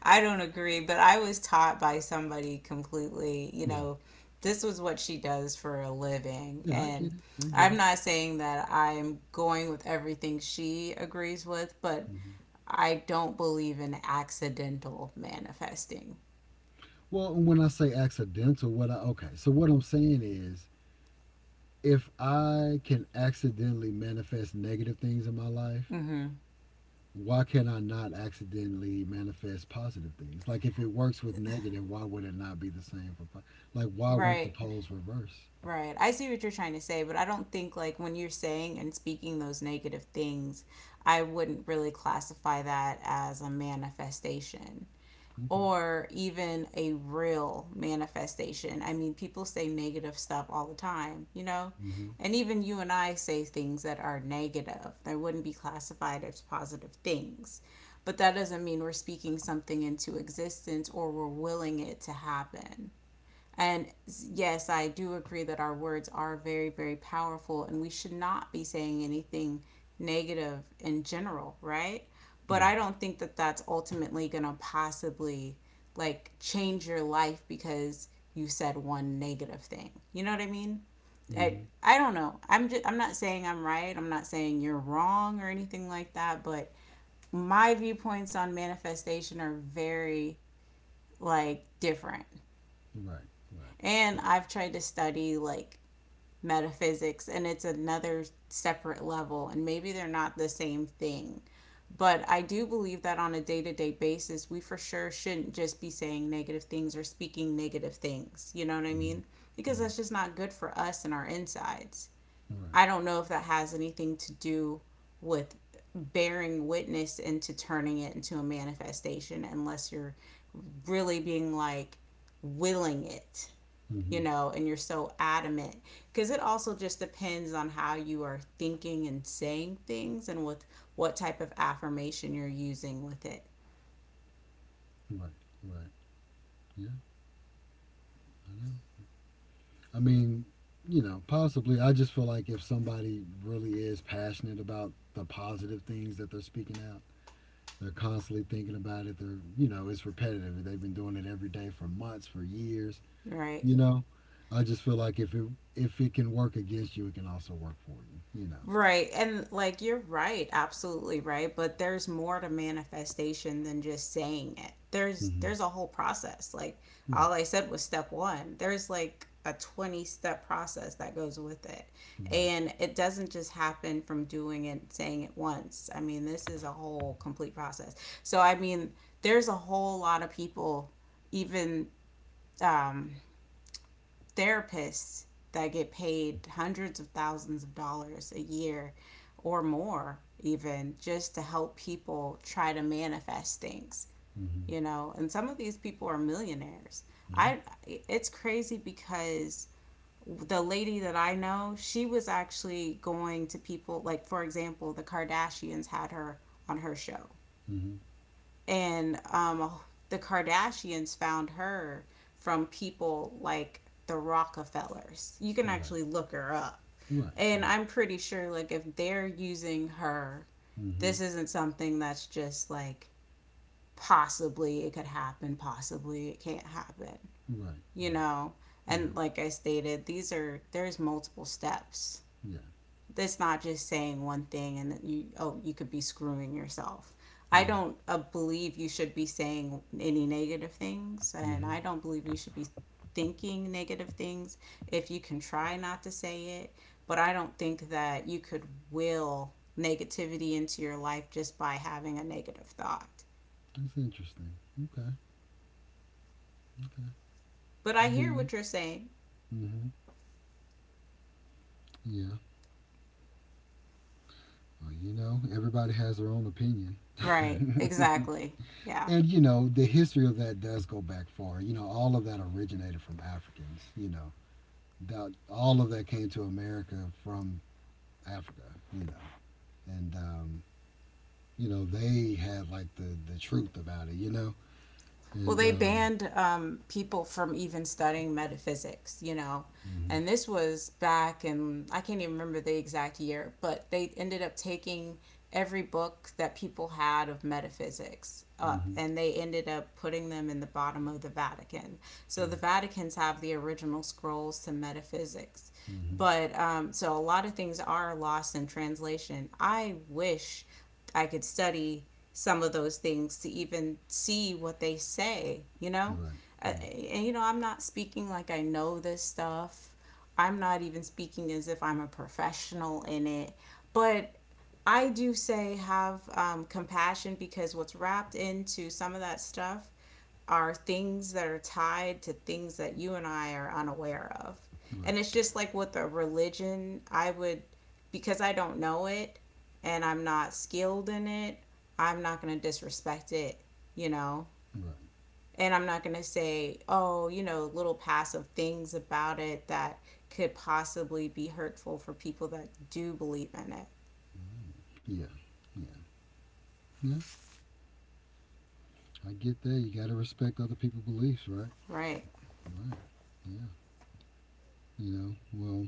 S2: I don't agree, but I was taught by somebody completely, you
S1: Yeah.
S2: know, this was what she does for a living.
S1: Yeah, I
S2: And
S1: get it. I get
S2: I'm
S1: it.
S2: not saying that I'm going with everything she agrees with, but
S1: Hmm.
S2: I don't believe in accidental manifesting.
S1: Well, and when I say accidental, what I, okay, so what I'm saying is if I can accidentally manifest negative things in my life,
S2: Mm-hmm.
S1: why can I not accidentally manifest positive things? Like if it works with negative, why would it not be the same for, like, why won't the
S2: Right,
S1: poles reverse?
S2: right. I see what you're trying to say, but I don't think like when you're saying and speaking those negative things, I wouldn't really classify that as a manifestation,
S1: Okay.
S2: or even a real manifestation. I mean, people say negative stuff all the time, you know?
S1: Hmm.
S2: And even you and I say things that are negative, they wouldn't be classified as positive things. But that doesn't mean we're speaking something into existence or we're willing it to happen. And yes, I do agree that our words are very, very powerful, and we should not be saying anything negative in general, right? But
S1: Right.
S2: I don't think that that's ultimately going to possibly like change your life because you said one negative thing. You know what I mean? I,
S1: Hmm.
S2: I don't know. I'm not saying I'm right. I'm not saying you're wrong or anything like that, but my viewpoints on manifestation are very like different.
S1: Right. Right.
S2: And I've tried to study like metaphysics, and it's another separate level, and maybe they're not the same thing, but I do believe that on a day-to-day basis we for sure shouldn't just be saying negative things or speaking negative things, you know what I
S1: Hmm.
S2: mean, because
S1: Yeah.
S2: that's just not good for us and our insides.
S1: Right.
S2: I don't know if that has anything to do with bearing witness into turning it into a manifestation, unless you're really being like willing it you
S1: Hmm.
S2: know, and you're so adamant. Because it also just depends on how you are thinking and saying things and with what type of affirmation you're using with it,
S1: Right, right. Yeah, I know. I mean, you know, possibly. I just feel like if somebody really is passionate about the positive things that they're speaking out, they're constantly thinking about it. They're, you know, it's repetitive. They've been doing it every day for months, for years.
S2: right?
S1: You know, I just feel like if it can work against you, it can also work for you. You know.
S2: Right. And like you're right, absolutely right, but there's more to manifestation than just saying it. There's
S1: Hmm.
S2: there's a whole process. Like
S1: Right,
S2: all I said was step 1. There's like a 20 step process that goes with it.
S1: right.
S2: And it doesn't just happen from doing it saying it once. I mean, this is a whole complete process. So I mean, there's a whole lot of people, even um therapists, that get paid hundreds of thousands of dollars a year or more, even just to help people try to manifest things
S1: Hmm.
S2: you know and some of these people are millionaires.
S1: Yeah.
S2: I It's crazy because the lady that I know, she was actually going to people. Like, for example, the Kardashians had her on her show.
S1: Hmm.
S2: And the Kardashians found her from people like the Rockefellers. You can
S1: Right,
S2: actually look her up.
S1: right,
S2: And
S1: right.
S2: I'm pretty sure, like, if they're using her,
S1: Hmm.
S2: this isn't something that's just like possibly it could happen, possibly it can't happen,
S1: Right,
S2: you
S1: right.
S2: know?
S1: Yeah,
S2: And like I stated, there's multiple steps.
S1: yeah.
S2: It's not just saying one thing and that you, oh, you could be screwing yourself. I
S1: Right.
S2: don't believe you should be saying any negative things, and
S1: Hmm.
S2: I don't believe you should be thinking negative things if you can try not to say it. But I don't think that you could will negativity into your life just by having a negative thought.
S1: That's interesting. Okay, okay.
S2: But I
S1: I hear
S2: hear
S1: you.
S2: what you're saying.
S1: Hmm. Yeah. Well, you know, everybody has their own opinion.
S2: Right, exactly. Yeah.
S1: And, you know, the history of that does go back far. You know, all of that originated from Africans, you know. That, all of that came to America from Africa, you know. And, um, you know, they had, like, the truth about it, you know.
S2: Well,
S1: And,
S2: they banned people from even studying metaphysics, you know.
S1: hmm.
S2: And this was back in, I can't even remember the exact year, but they ended up taking every book that people had of metaphysics up
S1: Hmm.
S2: and they ended up putting them in the bottom of the Vatican. So the
S1: Right.
S2: Vaticans have the original scrolls to metaphysics.
S1: Hmm.
S2: But so a lot of things are lost in translation. I wish I could study some of those things to even see what they say, you know?
S1: Right,
S2: Uh, and, you know, I'm not speaking like I know this stuff. I'm not even speaking as if I'm a professional in it. But I do say have compassion, because what's wrapped into some of that stuff are things that are tied to things that you and I are unaware of.
S1: right, right,
S2: And it's just like with a religion, I would, because I don't know it and I'm not skilled in it, I'm not going to disrespect it, you know?
S1: right.
S2: And I'm not going to say, oh, you know, little passive things about it that could possibly be hurtful for people that do believe in it.
S1: Yeah, yeah, yeah. I get that. You got to respect other people's beliefs, right?
S2: Right.
S1: Right. Yeah. You know, well,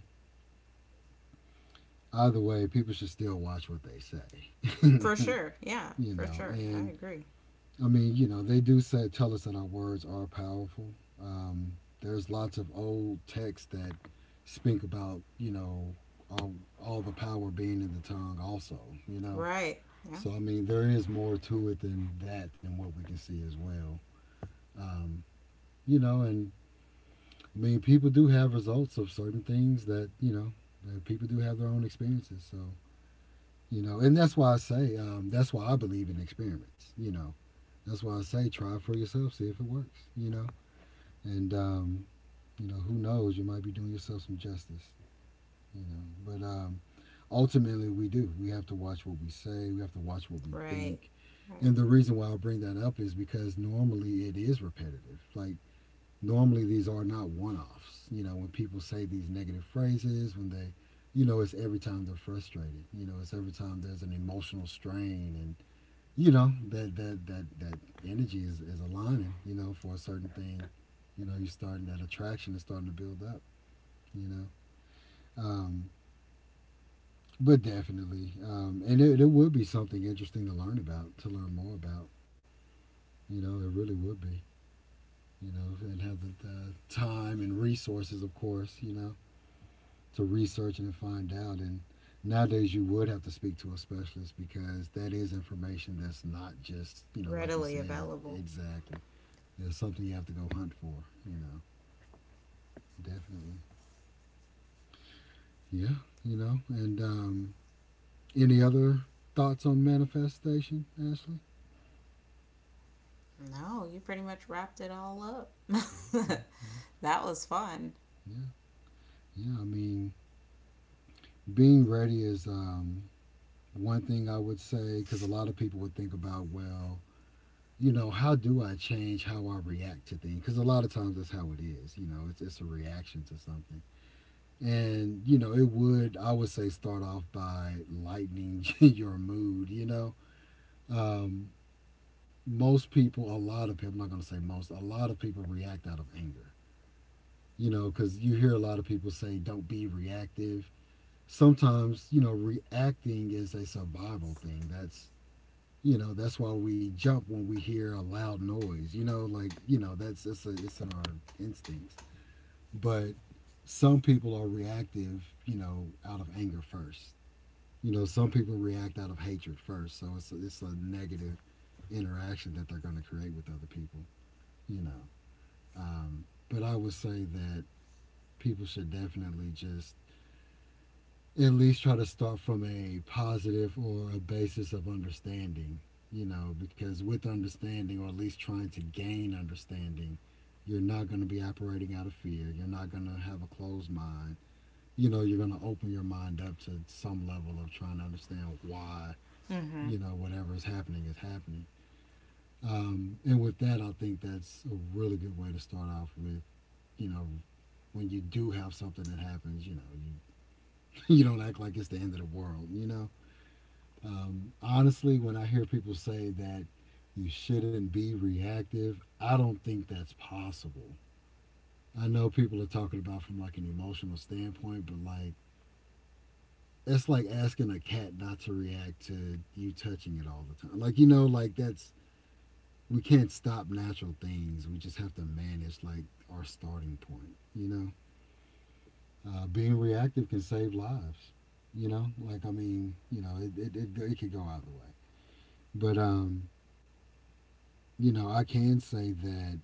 S1: either way, people should still watch what they say.
S2: For sure. Yeah, for sure. I
S1: And
S2: agree.
S1: I mean, they do say, tell us that our words are powerful. There's lots of old texts that speak about, all, all the power being in the tongue, also, you know.
S2: Right. Yeah.
S1: So, I mean, there is more to it than that, than what we can see as well. Um, and I mean, people do have results of certain things that you know. That People do have their own experiences, so and that's why I say that's why I believe in experiments. That's why I say try it for yourself, see if it works. And who knows? You might be doing yourself some justice. You know, but ultimately, we do. We have to watch what we say. We have to watch what we
S2: Right.
S1: think.
S2: Right.
S1: And the reason why I bring that up is because normally it is repetitive. Like, normally these are not one-offs, when people say these negative phrases, when they, it's every time they're frustrated, it's every time there's an emotional strain. And that energy is aligning, for a certain thing. You're starting... that attraction is starting to build up, you know um, but definitely. And it would be something interesting to learn about, to learn more about. It really would be. If it have the time and resources, of course, to research and find out. And nowadays, you would have to speak to a specialist, because that is information that's not just, like you
S2: Readily
S1: said, it's...
S2: available.
S1: Exactly. It's something you have to go hunt for. Definitely. Yeah. And Any other thoughts on manifestation, Ashley?
S2: No, you pretty much wrapped it all up.
S1: Okay. Yeah,
S2: That was fun.
S1: yeah. Yeah, I mean, being ready is, one thing I would say, because a lot of people would think about, well, how do I change how I react to things? Because a lot of times, that's how it is. It's a reaction to something. And it would I would say start off by lightening your mood. Um, most people, a lot of people — I'm not going to say most — a lot of people react out of anger. Because you hear a lot of people say, "Don't be reactive." Sometimes, reacting is a survival thing. That's you know that's why we jump when we hear a loud noise. Like, that's it's in our instincts. But some people are reactive, out of anger first. Some people react out of hatred first. So it's a, negative interaction that they're going to create with other people. you know but I would say that people should definitely just at least try to start from a positive, or a basis of understanding, because with understanding, or at least trying to gain understanding, you're not going to be operating out of fear. You're not going to have a closed mind. You're going to open your mind up to some level of trying to understand why,
S2: Mm-hmm.
S1: whatever is happening is happening. And with that, I think that's a really good way to start off with. you know, when you do have something that happens, you don't act like it's the end of the world, you know? Honestly, when I hear people say that you shouldn't be reactive, I don't think that's possible. I know people are talking about from, like, an emotional standpoint, but, like, that's like asking a cat not to react to you touching it all the time. Like, like, that's we can't stop natural things. We just have to manage, like, our starting point. Being reactive can save lives. Like, I mean, it could go either way. But I can say that,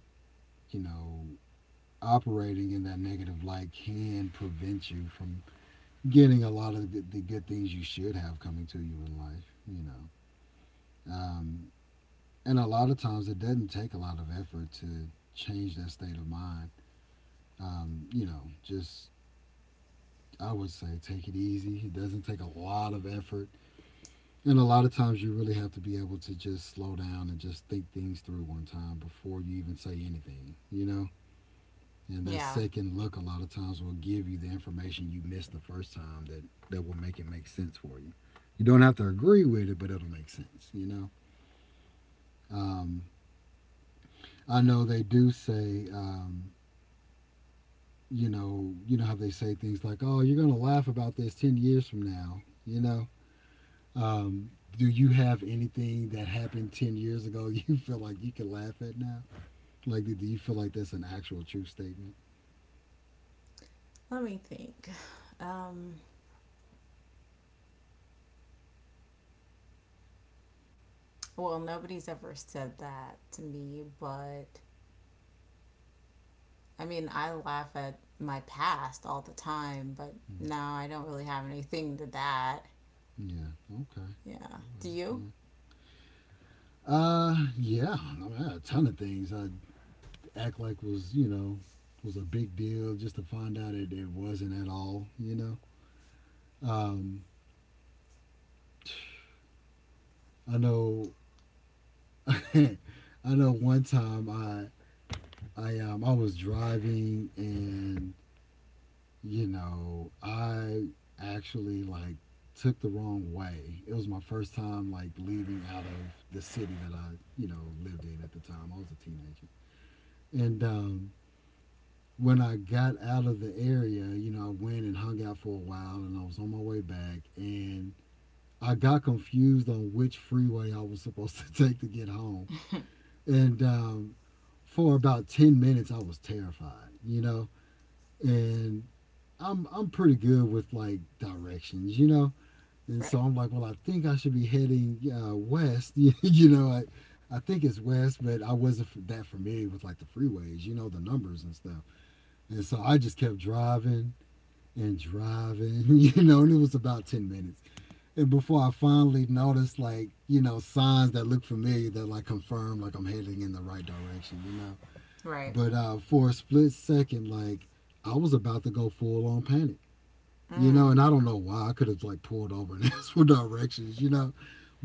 S1: you know, operating in that negative light can prevent you from getting a lot of the good things you should have coming to you in life. Um, and a lot of times it doesn't take a lot of effort to change that state of mind. Just I would say take it easy. It doesn't take a lot of effort. And a lot of times you really have to be able to just slow down and just think things through one time before you even say anything. And that
S2: Yeah.
S1: second look a lot of times will give you the information you missed the first time, that will make it make sense for you. You don't have to agree with it, but it'll make sense. Um, I know they do say, you know how they say things like, "Oh, you're gonna laugh about this 10 years from now," Um, do you have anything that happened 10 years ago you feel like you can laugh at now? Like, do you feel like that's an actual true statement?
S2: Let me think. Um, well, nobody's ever said that to me, but I mean, I laugh at my past all the time, but
S1: Mm.
S2: no, I don't really have anything to that.
S1: Yeah. Okay.
S2: Yeah.
S1: All
S2: Do
S1: right.
S2: you?
S1: Yeah. Yeah, mean, I had a ton of things I act like was, was a big deal, just to find out it, it wasn't at all. Um, I know. I know, one time I was driving, and I actually, like, took the wrong way. It was my first time, like, leaving out of the city that I, lived in at the time. I was a teenager, and when I got out of the area, I went and hung out for a while, and I was on my way back, and I got confused on which freeway I was supposed to take to get home. And for about 10 minutes, I was terrified, and I'm pretty good with, like, directions. And
S2: Right.
S1: so I'm like, well, I think I should be heading, west, I think it's west. But I wasn't that familiar with, like, the freeways, the numbers and stuff. And so I just kept driving and driving, and it was about 10 minutes. And before I finally noticed, like, signs that look familiar that, like, confirm, like, I'm heading in the right direction.
S2: Right.
S1: But for a split second, like, I was about to go full on panic.
S2: Mm.
S1: And I don't know why. I could have, like, pulled over and asked for directions.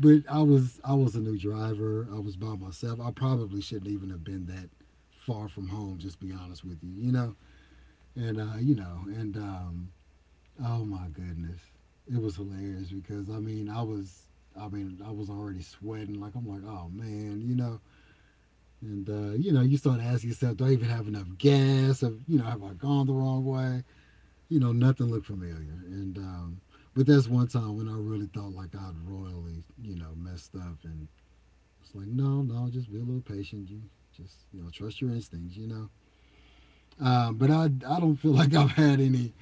S1: But I was a new driver. I was by myself. I probably shouldn't even have been that far from home. Just be honest with you, you know. And Oh my goodness. It was hilarious, because, I mean, I mean, I was already sweating. Like, I'm like, oh man, and you start asking yourself, do I even have enough gas? Have I gone the wrong way? Nothing looked familiar. And but that's one time when I really thought like I'd royally, messed up. And it's like, no, no, just be a little patient. You just, trust your instincts. But I don't feel like I've had any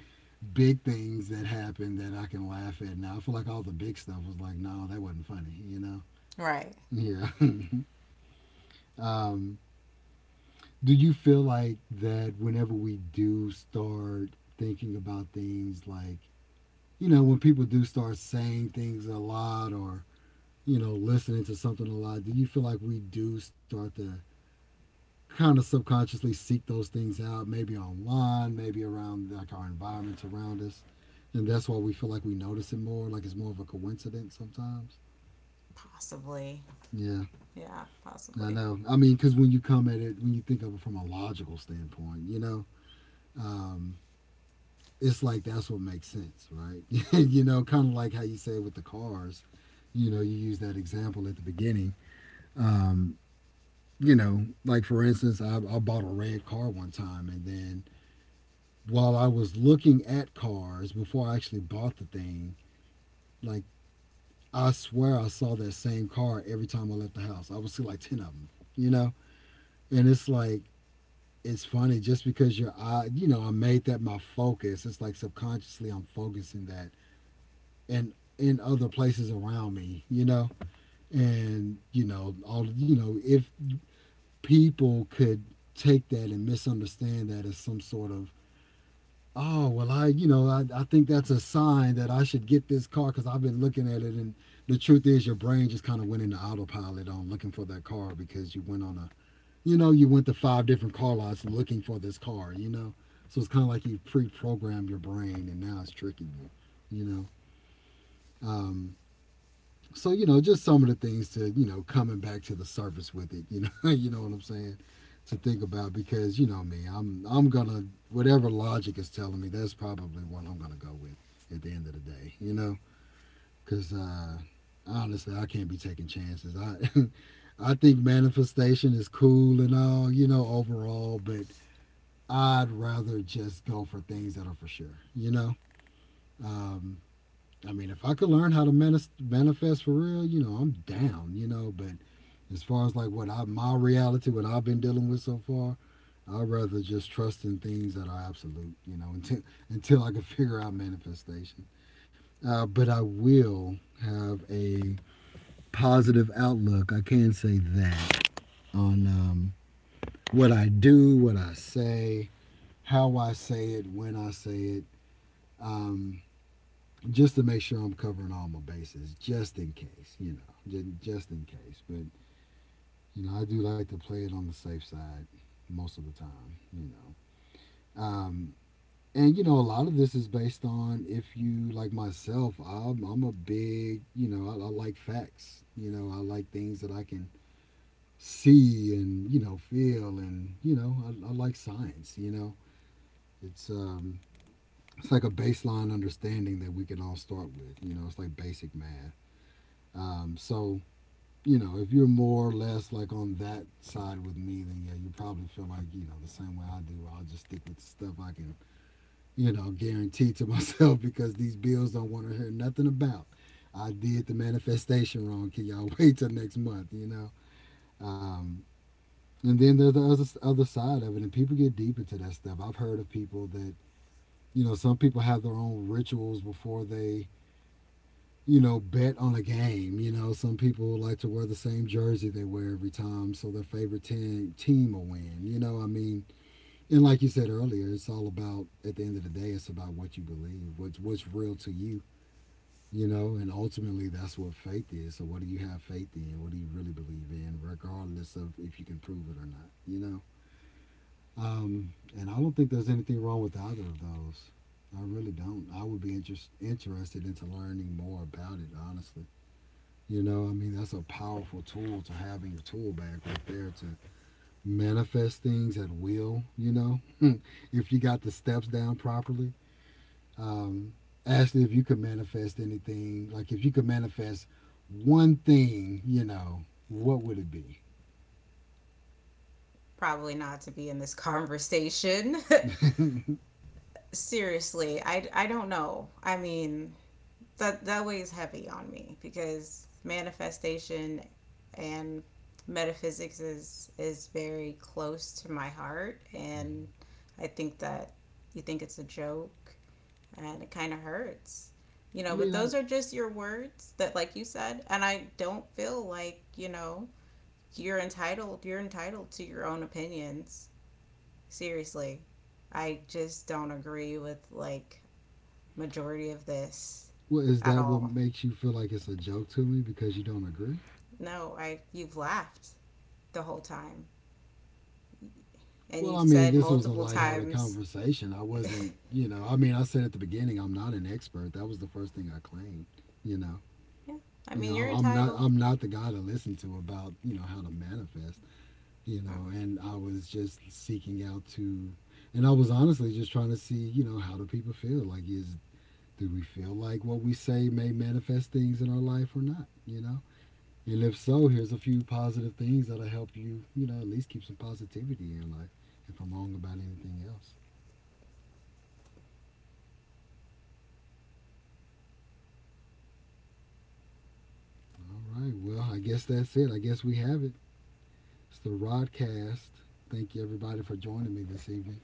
S1: big things that happened that I can laugh at now. I feel like all the big stuff was like, no, that wasn't funny.
S2: Right.
S1: Yeah. um, do you feel like that whenever we do start thinking about things, like, when people do start saying things a lot, or, listening to something a lot, do you feel like we do start to kind of subconsciously seek those things out, maybe online, maybe around, like, our environments around us? And that's why we feel like we notice it more, like it's more of a coincidence sometimes?
S2: Possibly.
S1: Yeah,
S2: Yeah,
S1: I
S2: possibly.
S1: know. I mean, because when you come at it, when you think of it from a logical standpoint, um, it's like that's what makes sense, right? Kind of like how you say with the cars, you use that example at the beginning. Um, like, for instance, I bought a red car one time, and then while I was looking at cars before I actually bought the thing, like, I swear I saw that same car every time I left the house. I would see, like, 10 of them, you know? And it's like, it's funny just because your eye, I made that my focus. It's like, subconsciously, I'm focusing that and in other places around me. And, all, if people could take that and misunderstand that as some sort of oh well I you know I think that's a sign that I should get this car because I've been looking at it. And the truth is your brain just kind of went into autopilot on looking for that car because you went on a you know you went to five different car lots looking for this car. So it's kind of like you pre-programmed your brain and now it's tricking um, so just some of the things to coming back to the surface with it. You know, you know what I'm saying to think about because you know me, I'm gonna whatever logic is telling me, that's probably what I'm gonna go with at the end of the day. You know, because honestly, I can't be taking chances. I I think manifestation is cool and all, you know, overall, but I'd rather just go for things that are for sure. Um, I mean, if I could learn how to manifest, for real, you know, I'm down, you know. But as far as like my reality, what I've been dealing with so far, I'd rather just trust in things that are absolute, you know, until I can figure out manifestation. But I will have a positive outlook. I can say that on what I do, what I say, how I say it, when I say it. Um, just to make sure I'm covering all my bases, just in case, you know, just in case. But you know, I do like to play it on the safe side most of the time, you know. Um, and you know, a lot of this is based on if you like myself, I'm a big, you know, I like facts. You know, I like things that I can see and you know feel, and you know, I like science. It's um, it's like a baseline understanding that we can all start with. You know, it's like basic math. Um, so you know, if you're more or less like on that side with me, then yeah, you probably feel like, you know, the same way I do. I'll just stick with the stuff I can, you know, guarantee to myself because these bills don't want to hear nothing about. I did the manifestation wrong. Can y'all wait till next month, you know? Um, and then there's the other side of it, and people get deep into that stuff. I've heard of people that, you know, some people have their own rituals before they you know, bet on a game. You know, some people like to wear the same jersey they wear every time, so their favorite team will win. You know, I mean, and like you said earlier, it's all about at the end of the day, it's about what you believe, what's real to you. You know, and ultimately that's what faith is. So what do you have faith in? What do you really believe in, regardless of if you can prove it or not? Um, and I don't think there's anything wrong with either of those. I really don't. I would be interested into learning more about it, honestly. You know, I mean, that's a powerful tool to have in your tool bag right there to manifest things at will, you know, if you got the steps down properly. Um, Ashley, if you could manifest anything, like if you could manifest one thing, you know, what would it be?
S2: Probably not to be in this conversation. Seriously, I don't know. I mean, that weighs heavy on me because manifestation and metaphysics is very close to my heart, and
S1: Mm-hmm.
S2: I think that you think it's a joke and it kind of hurts. You
S1: I
S2: know, but
S1: mean, I,
S2: those are just your words that like you said, and I don't feel like, you know, you're entitled to your own opinions. Seriously. I just don't agree with like majority of this
S1: well, is
S2: at
S1: that what
S2: all.
S1: makes you feel like it's a joke to me because you don't agree?
S2: No, I you've laughed the whole time and
S1: Well,
S2: you've
S1: I mean,
S2: said
S1: this was a
S2: multiple
S1: lighthearted
S2: times.
S1: conversation. I
S2: Yeah,
S1: wasn't, you know, I mean, I said at the beginning, I'm not an expert. That was the first thing I claimed, you know.
S2: I
S1: You
S2: mean,
S1: know, I'm
S2: you're
S1: I'm not
S2: entitled.
S1: I'm not the guy to listen to about, you know, how to manifest, you
S2: Uh,
S1: know, and I was just seeking out to and I was honestly just trying to see, you know, how do people feel? Like is do we feel like what we say may manifest things in our life or not, you know? And if so, here's a few positive things that'll help you, you know, at least keep some positivity in your life if I'm wrong about anything else. All right. Well, I guess that's it. I guess we have it. It's the Rodcast. Thank you, everybody, for joining me this evening.